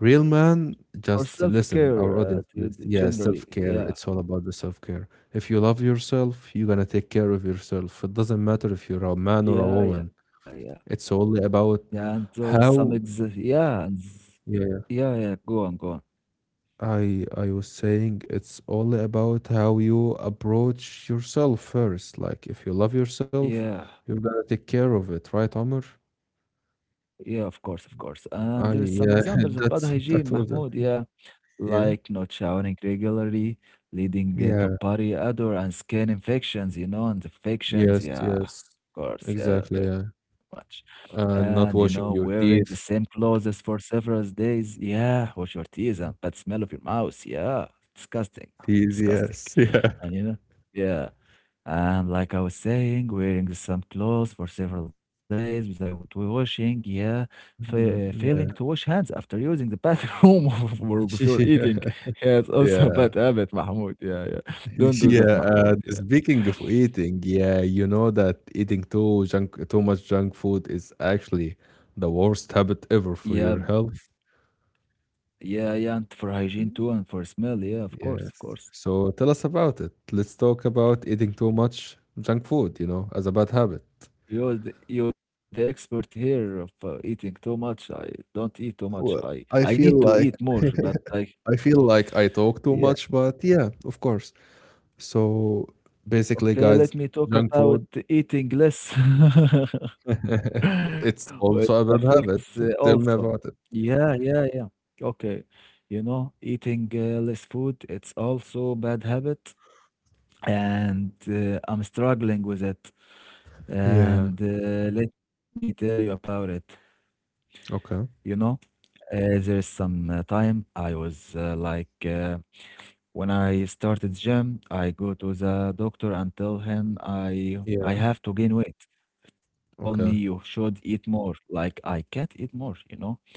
B: real man.
A: Or
B: Just listen,
A: self-care,
B: our
A: uh,
B: audience, please.
A: to-
B: Yeah,
A: generally,
B: self care.
A: yeah.
B: It's all about the self care. If you love yourself, you're gonna take care of yourself. It doesn't matter if you're a man or a
A: Yeah,
B: woman,
A: yeah, yeah.
B: it's only about
A: Yeah, and there is some ex
B: how.
A: yeah, and s-
B: Yeah, yeah.
A: yeah, yeah, go on, go on.
B: I I was saying it's all about how you approach yourself first. Like if you love yourself,
A: Yeah,
B: you're gonna take care of it, right, Omar?
A: yeah, of course, of course. And there is
B: I
A: some
B: yeah,
A: examples of
B: [LAUGHS]
A: bad
B: that's
A: hygiene,
B: that was it.
A: Mahmoud. Yeah.
B: Yeah.
A: Like not showering regularly, leading uh, to
B: Yeah.
A: body odor and skin infections, you know, and infections,
B: Yes,
A: yeah, of
B: yes.
A: course, yeah,
B: Exactly,
A: very
B: yeah.
A: much. And
B: And
A: you
B: not
A: know,
B: washing your
A: wearing the same
B: teeth.
A: clothes for several days, yeah, wash your teeth and bad smell of your mouth, yeah, disgusting,
B: Teeth,
A: disgusting.
B: yes. [LAUGHS] Yeah.
A: And you know, yeah. And like I was saying, wearing some clothes for several days without washing, yeah, fa- uh,
B: Mm,
A: failing to
B: yeah.
A: wash hands after using the bathroom [LAUGHS] or before
B: [LAUGHS]
A: eating. Yeah, it's
B: Yeah.
A: also a
B: Yeah.
A: bad habit, Mahmoud. Yeah, yeah. Don't
B: [LAUGHS]
A: do
B: Yeah,
A: that,
B: uh,
A: Mahmoud. Yeah.
B: speaking of eating, yeah, you know that eating too junk, too much junk food is actually the worst habit ever
A: Yeah,
B: for your health.
A: yeah, yeah, and for hygiene
B: Mhm.
A: too, and for smell, yeah, of course, of
B: Yes.
A: course.
B: So tell us about it. Let's talk about eating too much junk food, you know, as a bad habit.
A: You're the, you're the expert here of uh, eating too much. I don't eat too much. I
B: Well,
A: I
B: I
A: need to
B: feel
A: eat
B: like
A: more, but
B: [LAUGHS]
A: I
B: I feel like I talk too
A: yeah.
B: much, but yeah, of course. So basically,
A: Okay,
B: guys,
A: let me talk
B: junk
A: about
B: food,
A: eating less. [LAUGHS]
B: [LAUGHS] it's
A: Well,
B: also a bad
A: affects
B: habit.
A: uh,
B: Tell
A: also.
B: me about it.
A: Yeah, yeah, yeah. Okay. You know, eating uh, less food, it's also bad habit, and uh, I'm struggling with it.
B: Yeah.
A: And uh, let me tell you about it. You
B: Okay.
A: know, uh, there's some uh, time I was uh, like uh, when I started gym, I go to the doctor and tell him I I
B: Yeah.
A: have to gain weight. He told me you
B: Okay.
A: should eat more. Like I can't eat more, you know?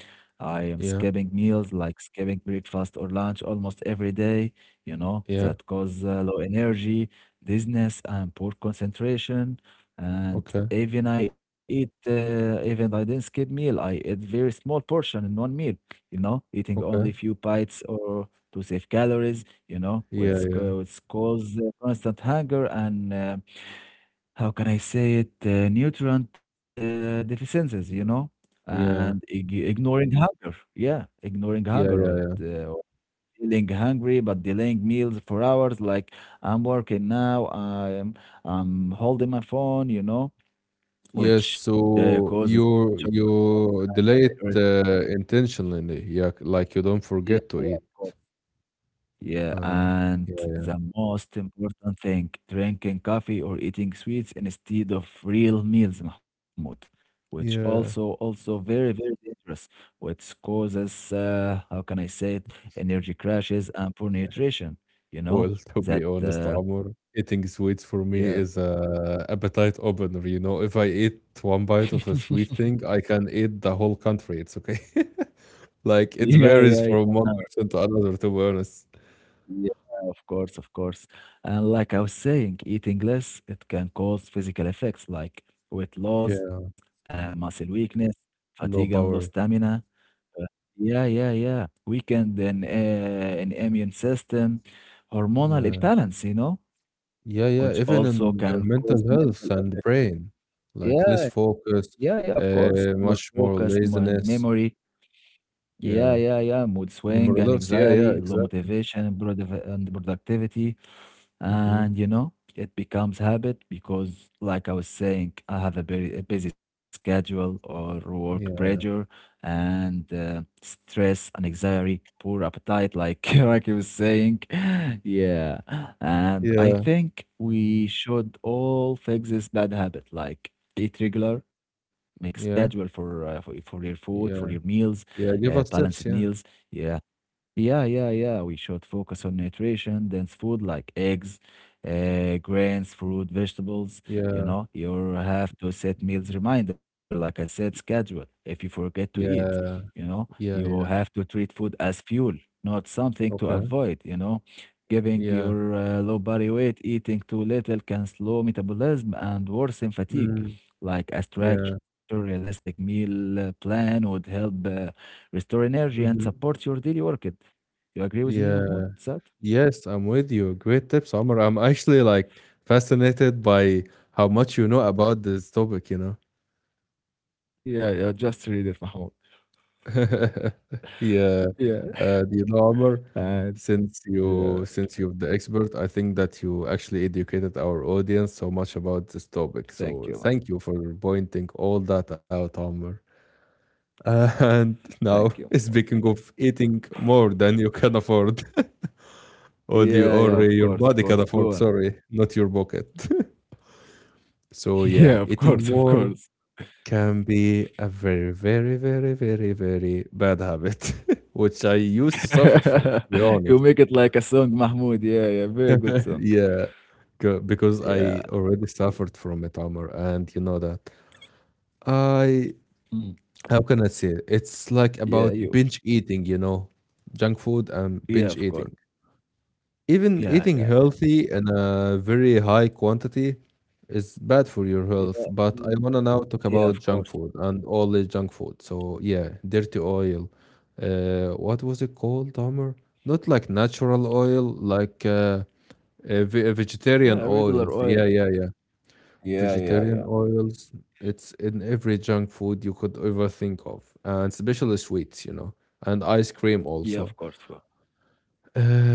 A: I am
B: Yeah.
A: skipping meals like skipping breakfast or lunch almost every day, you know,
B: Yeah.
A: that cause uh, low energy, dizziness, and poor concentration. And
B: Okay,
A: even I eat, uh, even I didn't skip meal. I eat very small portion in one meal, you know, eating only
B: okay.
A: few bites or to save calories, you know,
B: Yeah,
A: which,
B: yeah,
A: co- which cause uh, constant hunger and uh, how can I say it, uh, nutrient uh, deficiencies, you know, and
B: yeah,
A: ig ignoring hunger. Yeah, ignoring
B: yeah,
A: hunger
B: yeah,
A: or, uh,
B: yeah.
A: or feeling hungry but delaying meals for hours. Like I'm working now, I'm I'm holding my phone, you know,
B: Yes,
A: which uh, causes
B: so
A: such
B: you you delay
A: a-
B: it uh, intentionally, yeah, like you don't
A: yeah,
B: forget to
A: yeah,
B: eat.
A: of course. Yeah,
B: Uh,
A: and
B: yeah,
A: the most important thing, drinking coffee or eating sweets instead of real meals, Mahmoud, which also
B: yeah.
A: also very, very dangerous, which causes uh, how can I say it, energy crashes and poor nutrition, you know,
B: Well, [LAUGHS] to be
A: that
B: honest,
A: uh,
B: Amor, eating sweets for me
A: yeah.
B: is a appetite opener. You know, if I eat one bite of a
A: [LAUGHS]
B: sweet thing, I can eat the whole country. It's okay. [LAUGHS] Like it
A: Yeah,
B: varies
A: yeah,
B: from one
A: yeah.
B: person to another, to be honest.
A: Yeah, of course, of course. And like I was saying, eating less, it can cause physical effects like weight loss
B: Yeah,
A: and muscle weakness, fatigue and low
B: low power.
A: stamina. Uh, Yeah, yeah, yeah. Weakened in, uh, in immune system, hormonal
B: Yeah.
A: imbalance, you know,
B: Yeah, yeah,
A: which
B: even
A: also
B: in your
A: can cause
B: mental
A: mental
B: health and
A: effects.
B: brain, like less
A: Yeah, yeah,
B: focus,
A: yeah, of course. More
B: uh, much
A: focus
B: more
A: and memory.
B: laziness.
A: Yeah,
B: Yeah,
A: yeah, yeah. Mood swing
B: memory
A: and
B: loss. Yeah, yeah,
A: anxiety, low
B: exactly.
A: motivation and product- and productivity.
B: Mm-hmm.
A: And you know, it becomes habit because, like I was saying, I have a very a busy schedule or work pressure
B: Yeah,
A: and uh, stress and anxiety, poor appetite, like [LAUGHS] like I was saying. [LAUGHS] Yeah. And I
B: yeah,
A: think we should all fix this bad habit, like eat regular, make schedule
B: yeah,
A: for uh, for, for your food, for your
B: yeah,
A: meals,
B: yeah.
A: uh,
B: Give us
A: balanced
B: tips.
A: meals.
B: Yeah,
A: Yeah, yeah, yeah, yeah. We should focus on nutrition, dense food like eggs, uh, grains, fruit, vegetables. You
B: yeah,
A: know, you have to set meals reminder, like I said, schedule. If you forget to eat, you
B: yeah,
A: know, you
B: yeah,
A: have
B: yeah.
A: to treat food as fuel, not something to
B: Okay.
A: avoid, you know. Giving
B: Yeah.
A: your uh, low body weight, eating too little can slow metabolism and worsen fatigue.
B: Mm,
A: Like a
B: yeah.
A: structured, realistic meal uh, plan would help uh, restore energy, and
B: Mm-hmm.
A: support your daily work. You agree with me,
B: Yeah.
A: Mahmoud? That?
B: Yes, I'm with you. Great tips, Omar. I'm actually like fascinated by how much you know about this topic, you know.
A: Yeah, yeah, just read it, Mahmoud.
B: [LAUGHS] Yeah,
A: Yeah,
B: uh, the armor.
A: and
B: Since
A: yeah,
B: you since you're the expert, I think that you actually educated our audience so much about this topic.
A: Thank
B: So
A: you. Mah-
B: thank you for pointing all that out, Amr. [LAUGHS] And
A: Thank you,
B: now,
A: Mahmoud.
B: [LAUGHS]
A: Thank you.
B: speaking of eating more than you can afford, [LAUGHS] or the
A: Yeah, yeah,
B: or
A: of
B: your
A: course, of
B: body
A: course.
B: can
A: Go
B: afford,
A: on.
B: sorry, not your pocket. [LAUGHS] So
A: [LAUGHS]
B: yeah,
A: Yeah, of
B: eating
A: course, of
B: more
A: course.
B: can be a very, very, very, very, very bad habit, [LAUGHS] which I used to suffer from, to be
A: [LAUGHS] You
B: honest.
A: make it like a song, Mahmoud. Yeah, yeah, very good
B: [LAUGHS]
A: song.
B: Yeah, c- because
A: Yeah,
B: I already suffered from it, Amr, and you know that. I,
A: mm,
B: how can I say it? It's
A: yeah,
B: like
A: you.
B: about binge eating, you know, junk food and
A: Yeah,
B: binge
A: of course.
B: eating. Even
A: Yeah,
B: eating
A: yeah, yeah,
B: healthy in a very high quantity is bad for your
A: yeah,
B: health. But I
A: mm,
B: wanna now talk
A: yeah,
B: about
A: of
B: junk
A: course.
B: food and all the junk food. So yeah, dirty oil. Uh, what was it called, Homer? Not like natural oil, like uh, uh, ve- uh, vegetarian
A: Yeah, regular
B: oils. Yeah,
A: oil.
B: yeah, yeah.
A: Yeah, yeah,
B: Vegetarian
A: yeah.
B: oils. It's in every junk food you could ever think of, and especially sweets, you know, and ice cream
A: Yeah, of
B: also.
A: course, of course.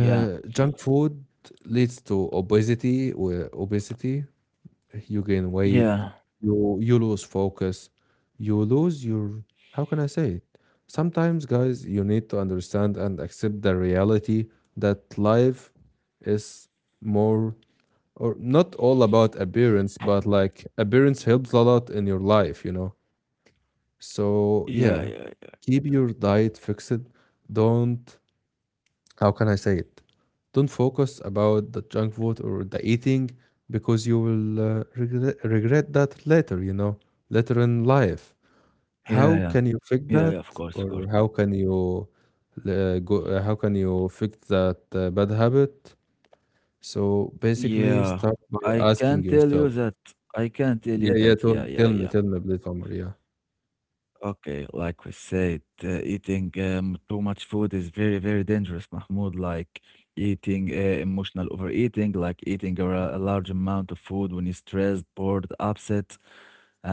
A: Yeah,
B: junk food leads to obesity. With obesity, you gain weight,
A: yeah.
B: you you lose focus, you lose your. How can I say it? Sometimes, guys, you need to understand and accept the reality that life is more or not all about appearance, but like appearance helps a lot in your life, you know. So
A: Yeah, yeah,
B: yeah,
A: yeah,
B: keep your diet fixed. Don't, how can I say it? Don't focus about the junk food or the eating because you will uh, regret, regret that later, you know, later in life.
A: yeah, yeah,
B: How can you
A: yeah,
B: fix
A: yeah, of
B: that,
A: course, of course.
B: or how can you uh, go? Uh, how can you fix that uh, bad habit? So basically,
A: Yeah,
B: start by
A: I can
B: asking
A: tell you
B: yourself.
A: that. I can tell you
B: Yeah, yeah.
A: that.
B: Tell,
A: Yeah, yeah,
B: tell me,
A: yeah.
B: tell me, please, Omar. Yeah,
A: Okay, like we said, uh, eating um, too much food is very, very dangerous, Mahmoud. Like eating uh, emotional overeating, like eating a, ra- a large amount of food when you're stressed, bored, upset,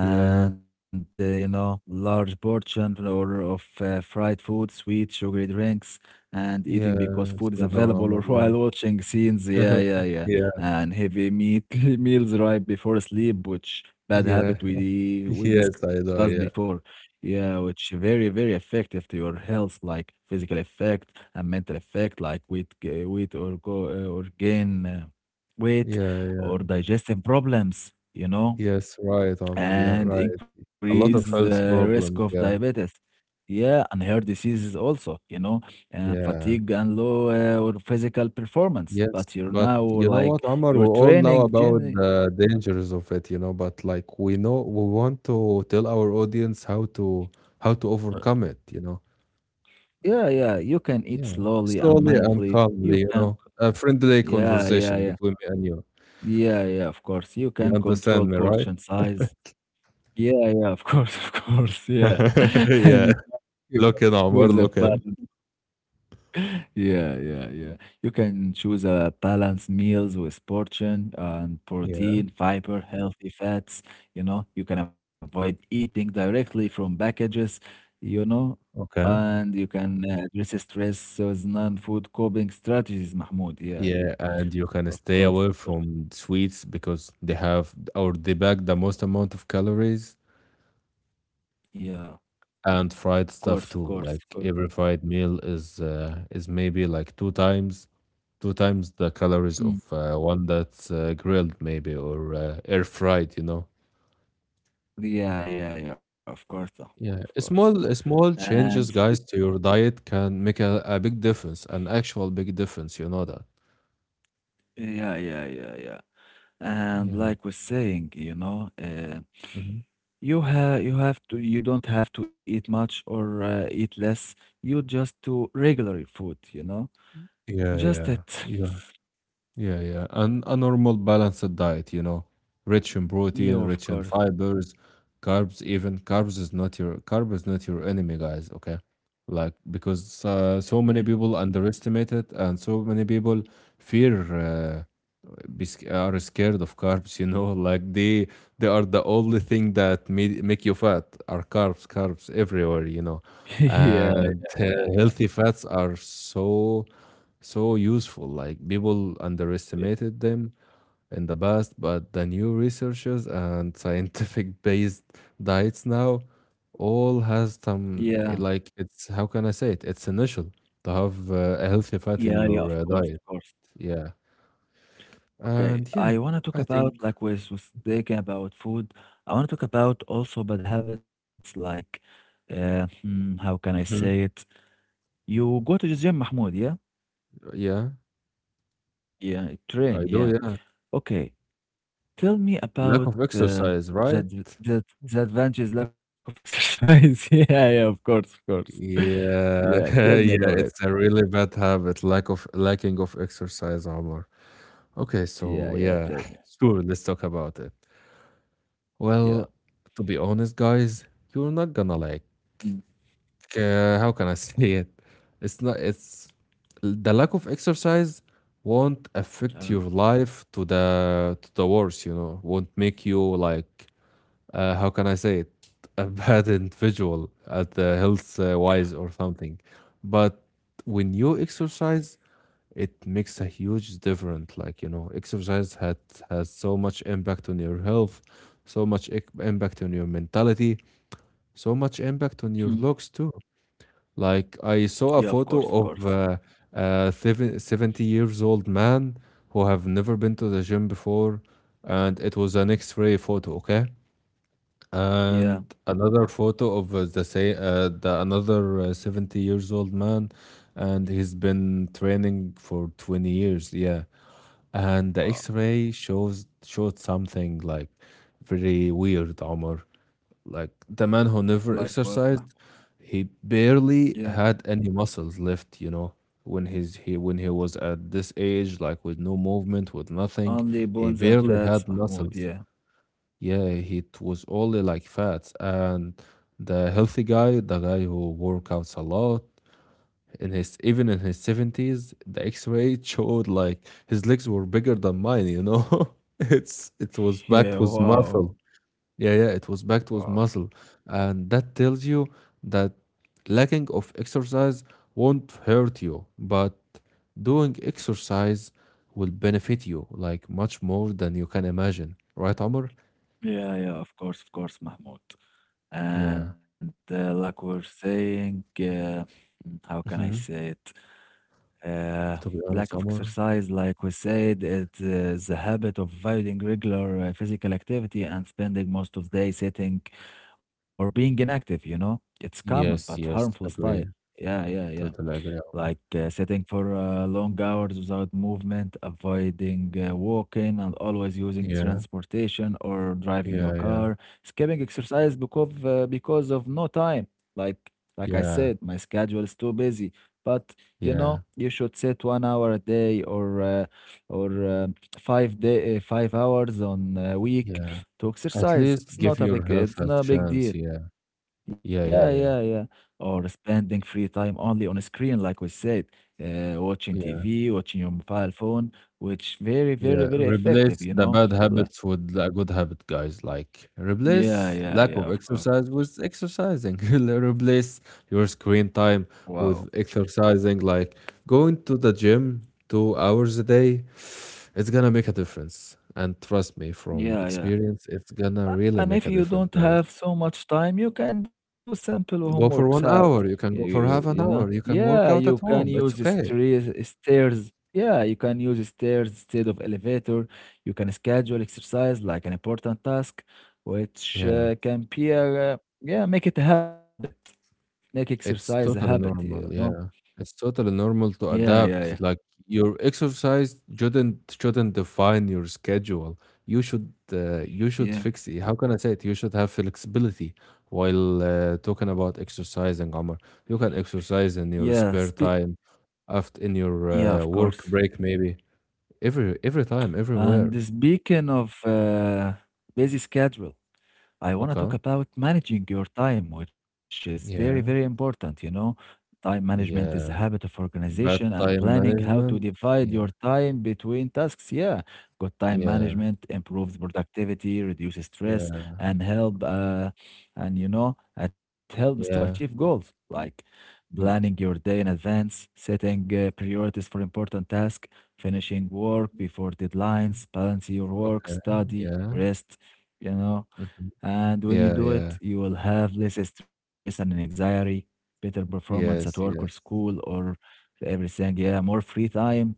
B: yeah,
A: uh, you know, large portion or of uh, fried food, sweet, sugary drinks, and eating
B: yeah.
A: because food is
B: Slow down,
A: available [LAUGHS]
B: Omar.
A: or
B: Yeah,
A: while watching scenes. Yeah, yeah,
B: [LAUGHS]
A: yeah,
B: yeah,
A: and heavy meat [LAUGHS] meals right before sleep, which bad
B: yeah.
A: habit
B: [LAUGHS]
A: we we
B: Yes, I
A: discussed
B: know.
A: before
B: Yeah,
A: yeah, which very, very effective to your health, like physical effect and mental effect, like weight, ga- weight or go uh, or gain uh, weight
B: yeah.
A: or digestive problems, you know,
B: Yes, right, Omar. Yeah,
A: and
B: right.
A: increase
B: A lot of
A: the
B: health
A: risk of
B: problems. Yeah,
A: diabetes. Yeah, and hair diseases also, you know, and
B: yeah,
A: fatigue and low uh, or physical performance.
B: yes.
A: But you're
B: But
A: now
B: you know what,
A: like
B: Omar? We
A: you're
B: all know
A: training
B: about
A: gym.
B: the dangers of it, you know. But like we know, we want to tell our audience how to, how to
A: uh,
B: overcome it, you know.
A: Yeah, yeah, you can eat
B: Yeah,
A: slowly and
B: slowly and
A: mindfully. You
B: calmly, you
A: can,
B: know. A friendly
A: yeah, yeah,
B: conversation
A: yeah.
B: between me and you.
A: Yeah, yeah, of course. You
B: You
A: can
B: understand
A: control
B: me, right?
A: portion size. Yeah, yeah, of [LAUGHS] course, of course. Yeah.
B: [LAUGHS]
A: [LAUGHS] And
B: Yeah.
A: you you can
B: Look in, Omar.
A: choose a
B: Look in.
A: balance. [LAUGHS] Yeah, yeah, yeah. You can choose a balanced meals with portion uh, and
B: Yeah.
A: protein, fiber, healthy fats. You know, you can avoid eating directly from packages, you know,
B: Okay.
A: and you can uh, address stress with non-food coping strategies, Mahmoud. Yeah, yeah.
B: Yeah, and you can
A: Of
B: stay
A: course,
B: away
A: of course.
B: from sweets because they have or they pack the most amount of calories,
A: Yeah,
B: and
A: of
B: fried
A: course, of
B: stuff
A: course,
B: too.
A: of course.
B: Like every fried meal is uh, is maybe like two times two times the calories
A: Mm.
B: of uh, one that's uh, grilled maybe or uh, air fried, you know.
A: Yeah, yeah, yeah, of course, Ahmed, of
B: Yeah, a
A: course.
B: small a small
A: And speak-
B: changes, guys, to your diet can make a, a big difference, an actual big difference, you know that.
A: yeah, yeah, yeah, yeah. And
B: Yeah.
A: like we're saying, you know, uh,
B: Hmm.
A: you have you have to you don't have to eat much or uh, eat less. You just do regular food, you know.
B: Yeah,
A: Just
B: yeah.
A: that. [LAUGHS]
B: Yeah, yeah. And a normal balanced diet, you know, rich in protein,
A: You of
B: rich in
A: course.
B: fibers, carbs. Even carbs is not your carb is not your enemy, guys, okay? Like because uh,
A: Yeah.
B: so many people underestimate it and so many people fear uh, be, sc- are scared of carbs, [LAUGHS] you know, like they they are the only thing that made, make you fat are carbs, carbs everywhere, you know.
A: [LAUGHS] Yeah,
B: And
A: yeah,
B: uh,
A: yeah.
B: healthy fats are so so useful. Like people underestimated them in the past, but the new researchers and [LAUGHS] scientific based diets now all has
A: Yeah,
B: some eh, like it's how can I say it? It's initial to have uh, a healthy fat in
A: yeah, yeah,
B: your
A: of
B: uh,
A: course,
B: diet.
A: of course.
B: Yeah,
A: Okay,
B: and yeah,
A: I want to talk
B: I
A: about
B: think.
A: like with was thinking about food. I want to talk about also bad habits like uh, hmm, how can I say
B: Mhm.
A: it? You go to the gym, Mahmoud, yeah?
B: Yeah,
A: Yeah,
B: I
A: train,
B: do.
A: yeah.
B: Yeah,
A: Okay, tell me
B: lack
A: about
B: of
A: uh,
B: exercise,
A: the,
B: right?
A: d- the the advantages lack of exercise. [LAUGHS] Yeah, yeah, of course, of course. [LAUGHS]
B: Yeah,
A: Yeah,
B: [LAUGHS]
A: tell me
B: yeah,
A: about
B: it's
A: it.
B: a really bad habit. Lack of lacking of exercise, Omar. Okay, so yeah,
A: Yeah, yeah,
B: [LAUGHS]
A: tell me.
B: sure, let's talk about it. Well,
A: Yeah.
B: to be honest, guys, you're not gonna like,
A: Mm,
B: uh, how can I [LAUGHS] say it? It's not, it's The lack of exercise won't affect your
A: uh,
B: life to the to the worse, you know, won't make you like, uh, how can I say it? [LAUGHS] A bad individual at the health uh, wise or something. But when you exercise, it makes a huge difference. Like you know exercise had has so much impact on your health, so much ic- impact on your mentality, so much impact on
A: hmm,
B: your looks too. Like I saw a
A: yeah, of
B: photo
A: course, of
B: of
A: course.
B: uh, a seven- seventy years old man who have never been to the gym before, and it was an x-ray photo, okay? And
A: Yeah.
B: another photo of uh, the say uh, the another uh, seventy years old man, and he's been training for twenty years, yeah. And the
A: Wow.
B: X-ray shows showed something like very weird, Omar. Like the man who never
A: Like what, Mahmoud?
B: exercised, he
A: Yeah.
B: barely had any muscles left. You know, when he's he when he was at this age, like with no movement, with nothing,
A: Only
B: he
A: bones and
B: barely had
A: fats, Mahmoud.
B: muscles.
A: Yeah.
B: Yeah, he t- was only like fats. And the healthy guy, the guy who work outs a lot, in his even in his seventies the x-ray showed like his legs were bigger than mine you know [LAUGHS] it's it was backed
A: Yeah.
B: with
A: Wow.
B: muscle. Yeah, yeah, it was backed with
A: Wow.
B: muscle, and that tells you that lacking of exercise won't hurt you, but doing exercise will benefit you like much more than you can imagine, right Omar?
A: Yeah. Yeah. Of course. Of course, Mahmoud.
B: Yeah.
A: And uh, like we're saying, uh, mm, how can I say
B: Hmm.
A: it? Uh,
B: To be
A: Lack of
B: honest, Omar.
A: exercise, like we said, it is a habit of avoiding regular uh, physical activity and spending most of the day sitting or being inactive, you know? It's common but
B: Yes,
A: harmful
B: yes,
A: style.
B: agree.
A: Yeah. Yeah. Yeah.
B: Totally agree, Omar.
A: Like uh, sitting for uh, long hours without movement, avoiding uh, walking, and always using
B: Yeah,
A: transportation or driving your
B: yeah, yeah,
A: car, skipping exercise because uh, because of no time. Like like I
B: yeah.
A: said, my schedule is too busy. But you
B: Yeah,
A: know, you should sit one hour a day or uh, or uh, five day uh, five hours on a week
B: yeah.
A: to
B: At
A: exercise.
B: least
A: It's
B: give
A: not a
B: your
A: big
B: health
A: it's
B: a
A: not a big
B: chance.
A: deal.
B: Yeah, yeah,
A: Yeah,
B: yeah,
A: yeah,
B: yeah,
A: yeah. Or spending free time only on a screen, like we said, uh, watching
B: yeah,
A: T V, watching your mobile phone, which very, very,
B: yeah.
A: very effective,
B: Replace
A: you
B: the
A: know?
B: bad
A: Like,
B: habits with a good habit, guys. Like
A: yeah,
B: replace
A: yeah,
B: lack
A: yeah,
B: of
A: of course.
B: exercise with exercising. [LAUGHS] Replace your screen time
A: Wow.
B: with exercising. Like going to the gym two hours a day, [SIGHS] it's gonna make a difference. And trust me, from
A: Yeah, yeah.
B: experience, it's gonna
A: Uh,
B: really
A: and
B: make
A: if
B: a
A: you
B: difference,
A: don't
B: guys.
A: have so much time, you can do simple homeworks
B: Go for one
A: out.
B: hour.
A: You,
B: You can go
A: you,
B: for
A: you
B: half
A: know?
B: an hour. You can
A: Yeah,
B: work
A: you
B: out at
A: can
B: home.
A: use
B: It's okay.
A: stre- stairs. Yeah, you can use stairs instead of elevator. You can schedule exercise like an important task, which
B: Yeah,
A: uh, can be a, uh, yeah, make it a habit. Make exercise a
B: it's
A: habit,
B: totally
A: you know?
B: normal, yeah. It's totally normal to
A: Yeah, yeah, yeah,
B: adapt. Like your exercise shouldn't shouldn't define your schedule. You should uh, you should
A: yeah,
B: fix it. How can I say it? You should have flexibility while uh, talking about exercising, Omar. You can exercise in
A: yeah.
B: your
A: Spe-
B: spare time, after in your
A: yeah, of
B: uh, work
A: course.
B: break, maybe every every time, everywhere.
A: And speaking of uh, busy schedule, I want to talk
B: Okay.
A: about managing your time, which is very, very
B: Yeah,
A: important. You know, time management is a
B: yeah.
A: habit of organization
B: Bad
A: and
B: time
A: planning how to
B: management.
A: divide your
B: Yeah,
A: time between tasks. Yeah, good time
B: yeah,
A: management improves productivity, reduces stress,
B: yeah,
A: and help. Uh, and you know, it helps to achieve
B: yeah,
A: goals like planning
B: yeah.
A: your day in advance, setting uh, priorities for important tasks, finishing work before deadlines, balancing your work,
B: Okay,
A: study,
B: yeah.
A: rest. You know
B: Mhm.
A: and when you
B: Yeah,
A: do
B: yeah.
A: it, you will have less stress and anxiety, better performance at
B: Yes,
A: work or
B: yes.
A: school or everything. Yeah, more free time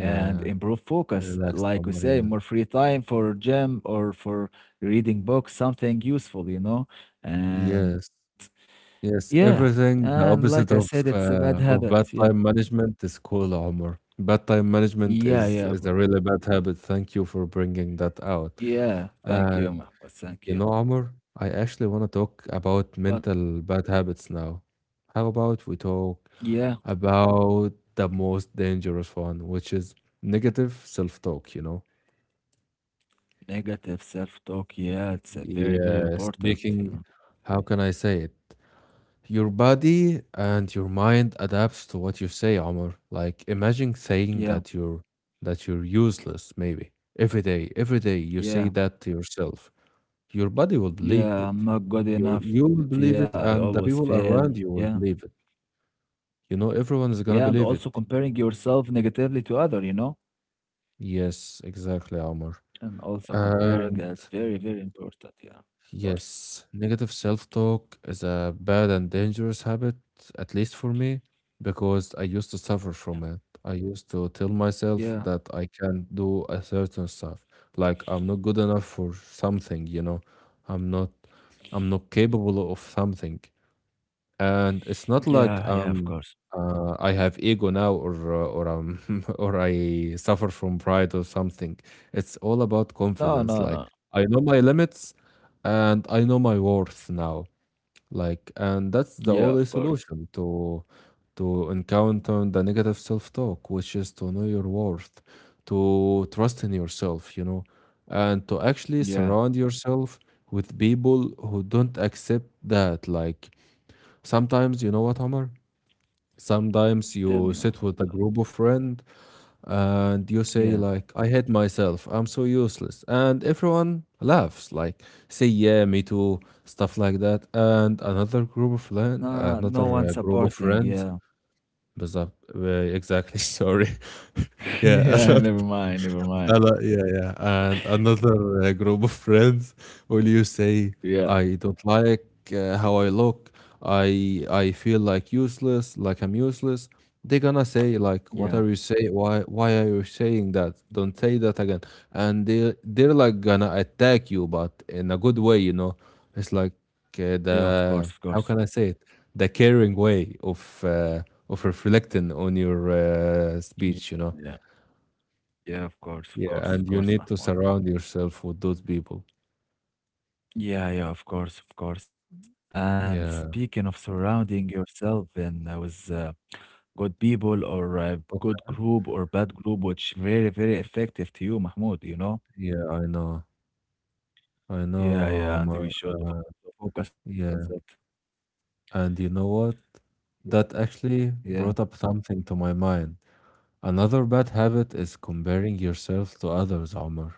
A: and improve
B: a
A: focus.
B: relaxed
A: Like we
B: humor,
A: say,
B: yeah.
A: more free time for gym or for reading books, something useful, you know? And
B: Yes.
A: yeah.
B: Yes, everything
A: And
B: the
A: like I
B: opposite
A: said,
B: of
A: it's a bad
B: uh,
A: habit.
B: of bad
A: Yeah.
B: time management is cool humor. Bad time management
A: Yeah.
B: is
A: Yeah.
B: is
A: w-
B: a really bad habit. Thank you for bringing that out.
A: Yeah. Thank
B: Uh,
A: you, Mahmoud. Thank
B: you
A: you.
B: know, Omar, I actually want to talk
A: But
B: about mental bad habits now. How about we talk
A: yeah,
B: about the most dangerous one, which is negative self-talk, you know?
A: negative self talk. Yeah, it's a very, very
B: Yes,
A: important, you
B: speaking,
A: know?
B: how can I say it? Your body and your mind adapts to what you say, Omar. Like imagine saying
A: Yeah.
B: that you're that you're useless, maybe. Every day, every day you say
A: Yeah,
B: that to yourself. Your body will believe it.
A: yeah, I'm not good
B: Your you
A: enough.
B: will
A: Yeah,
B: believe
A: I
B: it,
A: always
B: and the people
A: fail.
B: around you
A: Yeah,
B: will believe it. You know, everyone is
A: yeah, and
B: gonna
A: also
B: believe it.
A: comparing yourself negatively to other, you know,
B: Yes, exactly, Omar.
A: and also comparing
B: And
A: that's very, very important. Yeah, of course.
B: yes, negative self-talk is a bad and dangerous habit, at least for me, because I used to suffer
A: Yeah,
B: from it. I used to tell myself
A: yeah,
B: that I can't do a certain stuff, like I'm not good enough for something, you know, I'm not I'm not capable of something. And it's not
A: yeah, yeah,
B: like
A: of course.
B: um uh, I have ego now or uh, or um [LAUGHS] or I suffer from pride or something. It's all about
A: No,
B: confidence.
A: no,
B: Like
A: no.
B: I know my limits and I know my worth now. Like, and
A: Yeah,
B: that's
A: of
B: the only
A: course.
B: solution to to encounter the negative self-talk, which is to know your worth, to trust in yourself, you know, and to actually
A: Yeah,
B: surround yourself with people who don't accept that. Like sometimes, you know what, Omar? Sometimes
A: tell me,
B: you sit
A: Mahmoud.
B: with a group of friends and you say
A: Yeah,
B: like, "I hate myself. I'm so useless," and everyone laughs, like, "Say yeah, me too," stuff like that. And another group of friend,
A: no, no one
B: another uh, group of
A: supporting. Yeah,
B: friends, بالظبط. Uh, exactly. [LAUGHS] Sorry. [LAUGHS]
A: [LAUGHS]
B: Yeah, [LAUGHS]
A: yeah,
B: another
A: never mind, never mind.
B: uh, like, yeah, yeah. And another uh, group of friends will you say,
A: Yeah,
B: I don't like uh, how I look. I I feel like useless, like I'm useless. They're gonna say like,
A: yeah,
B: what are you say? Why why are you saying that? Don't say that again. And they they're like gonna attack you, but in a good way, you know. It's like
A: yeah,
B: uh,
A: of course, of
B: the
A: course.
B: how can I say it? The caring way of uh, of reflecting on your uh,
A: Yeah,
B: speech, you know.
A: yeah, yeah, of course, of
B: Yeah,
A: course, of
B: and you
A: course,
B: need to
A: Mahmoud.
B: surround yourself with those people.
A: Yeah, yeah, of course, of course. And speaking
B: Yeah,
A: of surrounding yourself and uh, with uh, good people or uh, good
B: okay.
A: group or bad group, which very, very effective to you, Mahmoud, you know?
B: Yeah, I know. I
A: Yeah,
B: know,
A: yeah, and
B: Omar.
A: we should
B: Uh,
A: also focus on that.
B: yeah, and you know what?
A: Yeah,
B: That actually
A: yeah.
B: brought up something to my mind. Another bad habit is comparing yourself to others, Omar,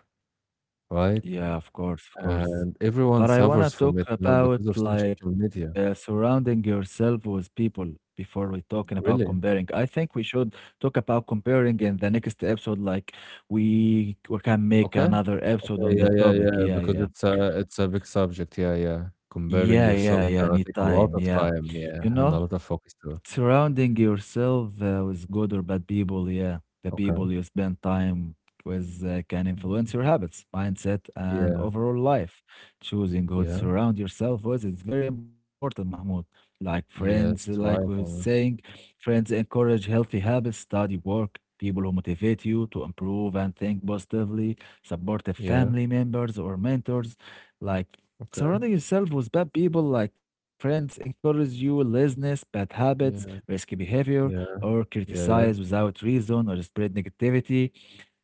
B: right?
A: Yeah, of course, of course.
B: And everyone
A: But I want to
B: suffers from
A: talk
B: it now
A: about
B: because of social
A: like
B: media.
A: uh, surrounding yourself with people before we talking about
B: Really?
A: comparing. I think we should talk about comparing in the next episode. Like we we can make
B: Okay.
A: another episode
B: Okay.
A: on the
B: Yeah, yeah,
A: topic.
B: yeah.
A: Yeah,
B: Because
A: yeah,
B: it's a it's a big subject. Yeah, yeah. Comparing
A: yeah, yeah,
B: yourself
A: yeah.
B: gonna take a lot
A: Anytime.
B: of
A: Yeah,
B: time. Yeah,
A: you
B: and a
A: know.
B: lot of focus too.
A: Surrounding yourself uh, with good or bad people, yeah. The
B: Okay.
A: people you spend time with uh, can influence your habits, mindset, and
B: Yeah,
A: overall life. Choosing who to
B: yeah,
A: surround yourself with is very important, Mahmoud. Like friends,
B: yes,
A: like we were
B: right,
A: saying,
B: Omar.
A: friends encourage healthy habits, study, work, people who motivate you to improve and think positively, supportive
B: Yeah,
A: family members or mentors, like
B: okay.
A: Surrounding yourself with bad people like friends encourage you laziness, bad habits,
B: Yeah,
A: risky behavior,
B: yeah,
A: or
B: yeah,
A: criticize
B: yeah,
A: without reason or spread negativity.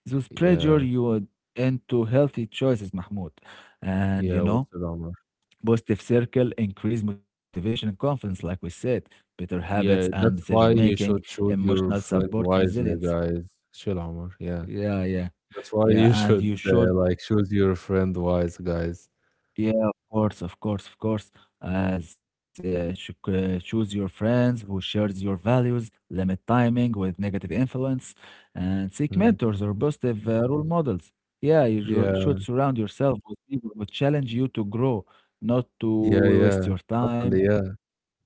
A: Those pressure
B: yeah,
A: you would into healthy choices, Mahmoud. And you
B: yeah, what's
A: know,
B: it, Omar?
A: positive circle increase motivation and confidence, like we said, better habits and
B: Yeah, that's
A: decision
B: why
A: making,
B: you should choose
A: emotional
B: your friend
A: support,
B: wisely,
A: resilience.
B: guys. Chill, Omar. Yeah,
A: Yeah, yeah,
B: that's why
A: yeah.
B: you
A: And you
B: should uh,
A: should
B: like choose your friend wise, guys.
A: Yeah, of course, of course, of course. As uh, ch- uh, choose your friends who shares your values, limit timing with negative influence, and seek
B: Mm.
A: mentors or positive uh, role models. Yeah, you
B: Yeah,
A: shou- should surround yourself with people who challenge you to grow, not
B: yeah,
A: to
B: yeah,
A: waste your time.
B: totally. Yeah,
A: Yeah,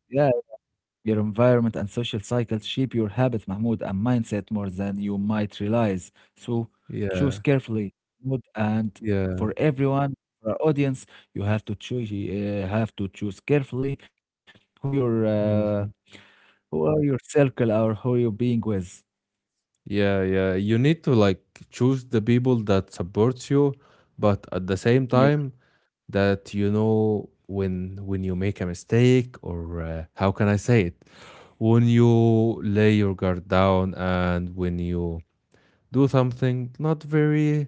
A: your environment and social cycles shape your habits, Mahmoud, and mindset more than you might realize. So choose
B: yeah,
A: carefully, Mahmoud, and
B: yeah,
A: for everyone, for our audience, you have to choose. Uh, have to choose carefully who your uh,
B: hmm,
A: who are your circle or who you're being with.
B: yeah, yeah. You need to like choose the people that supports you, but at the same
A: Yeah,
B: time that you know when when you make a mistake or uh, how can I say it? When you lay your guard down and when you do something not very,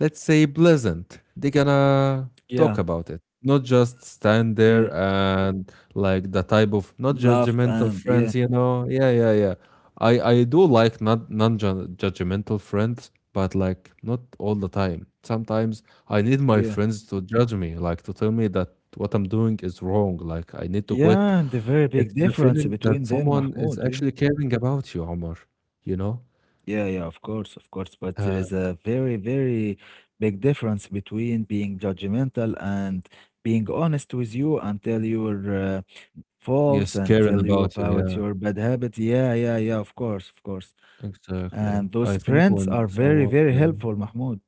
B: let's say, pleasant, they gonna
A: yeah,
B: talk about it. Not just stand
A: yeah.
B: there and like the type of
A: Love
B: not
A: and
B: judgmental
A: yeah,
B: friends, you know. Yeah, yeah, yeah. I I do like not non-judgmental friends, but like not all the time. Sometimes I need my
A: yeah,
B: friends to judge me, like to tell me that what I'm doing is wrong, like I need to quit.
A: yeah, and the very big
B: It's the
A: difference
B: feeling
A: between
B: that
A: them,
B: someone is
A: Mahmoud. Yeah.
B: actually caring about you, Omar, you know?
A: Yeah, yeah, of course, of course. But there
B: Uh,
A: is a very, very big difference between being judgmental and being honest with you and tell your uh, faults
B: Yes,
A: and tell
B: caring
A: you
B: about you,
A: about your
B: yeah,
A: bad habit. Yeah, yeah, yeah, of course, of course.
B: exactly.
A: And those
B: I think
A: friends
B: when
A: are very,
B: someone
A: very
B: care
A: helpful, Mahmoud.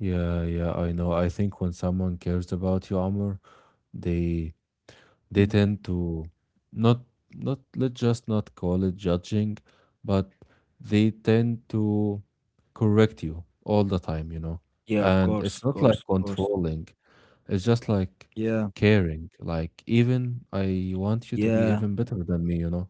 B: yeah, yeah, I know. I think when someone cares about you, Amr, they
A: Mm.
B: they tend to not not let's just not call it judging, but they tend to correct you all the time, you know.
A: Yeah, of
B: And
A: course,
B: it's
A: of
B: not like
A: course, of course.
B: controlling, it's just like
A: Yeah,
B: caring. Like even I want you
A: yeah,
B: to be even better than me, you know.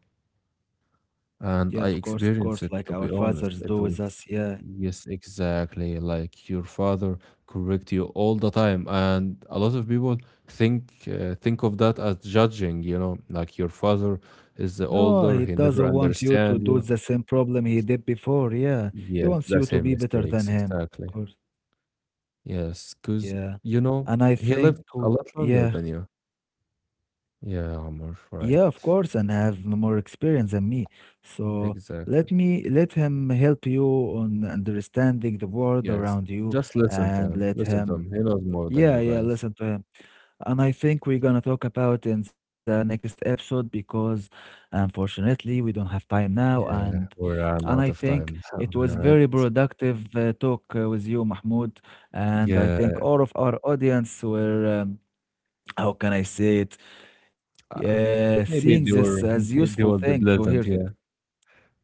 A: yeah,
B: And
A: of
B: I
A: course, of course.
B: experienced it,
A: Like
B: to
A: our
B: be
A: fathers
B: honest.
A: do
B: It
A: with
B: was,
A: us. Yeah,
B: yes, exactly. Like your father correct you all the time. And a lot of people think uh, think of that as judging, you know, like your father is the
A: no, he
B: older, he
A: doesn't
B: never
A: want you to do
B: understand
A: the
B: you.
A: same problem he did before. Yeah. He
B: Yes,
A: wants you
B: that's
A: to
B: his
A: be better than
B: mistakes,
A: him.
B: exactly.
A: Of course.
B: Yes, because,
A: Yeah.
B: you know,
A: And I
B: he
A: think,
B: lived a
A: w-
B: lot longer
A: yeah,
B: than you. Yeah, Omar,
A: yeah, of
B: right.
A: course, and have more experience than me. So let
B: Exactly.
A: me let him help you on understanding the world
B: Yes.
A: around you
B: Just listen to
A: and
B: him.
A: let
B: Listen to
A: him,
B: him. He knows more than
A: yeah,
B: you
A: yeah,
B: guys.
A: listen to him. And I think we're gonna talk about in the next episode because unfortunately we don't have time now and
B: Yeah, we ran
A: and I
B: out of
A: think
B: time now,
A: it was
B: all right?
A: very productive uh, talk uh, with you, Mahmoud. And I
B: Yeah,
A: think all of our audience were um, how can I say it?
B: uh,
A: Yeah, seeing
B: maybe
A: this
B: they
A: as
B: were [LAUGHS]
A: useful
B: they they
A: thing
B: will
A: to
B: be
A: hear that.
B: pleasant. Yeah,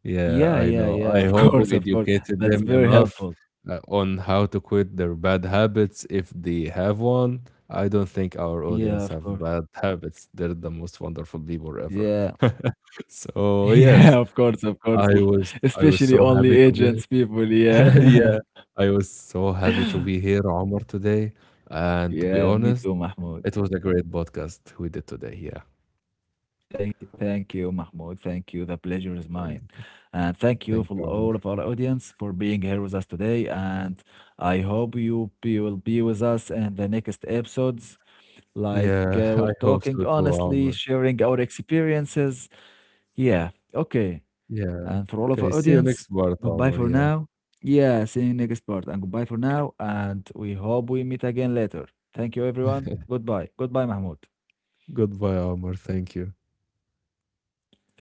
B: yeah,
A: Yeah,
B: I
A: yeah,
B: know.
A: yeah,
B: I
A: of [LAUGHS]
B: hope
A: course,
B: we
A: of course.
B: educated
A: That's
B: them
A: very
B: enough
A: helpful.
B: uh, on how to quit their bad habits if they have one. I don't think our
A: Yeah,
B: audience
A: of
B: have
A: course.
B: bad [LAUGHS] habits. They're the most wonderful people
A: Yeah.
B: ever. [LAUGHS]
A: [LAUGHS]
B: So
A: Yeah, of
B: yes,
A: course, of course.
B: I
A: L-
B: was I was
A: Especially
B: so
A: only
B: happy to be
A: agents people,
B: [LAUGHS]
A: yeah.
B: yeah,
A: [LAUGHS]
B: I was so happy to be here, Omar, today. And to be
A: Yeah, me
B: honest.
A: too, Mahmoud.
B: It was a great podcast we did today. Yeah.
A: Thank, thank you, Mahmoud. Thank you. The pleasure is mine.
B: Uh,
A: And thank you for
B: Thank you,
A: all of
B: Omar.
A: our audience for being here with us today. And I hope you be, will be with us in the next episodes. Like
B: Yeah,
A: uh,
B: [LAUGHS]
A: we're
B: I hope
A: talking
B: so too,
A: honestly,
B: Omar.
A: sharing our experiences. Yeah, okay.
B: Yeah.
A: And for all of
B: Okay.
A: our
B: See you
A: audience,
B: next part,
A: goodbye
B: Omar.
A: for
B: Yeah.
A: now. Yeah, see you next part. And goodbye for now. And we hope we meet again later. Thank you, everyone.
B: [LAUGHS]
A: Goodbye. Goodbye, Mahmoud.
B: Goodbye, Omar. Thank you.
A: Thank you.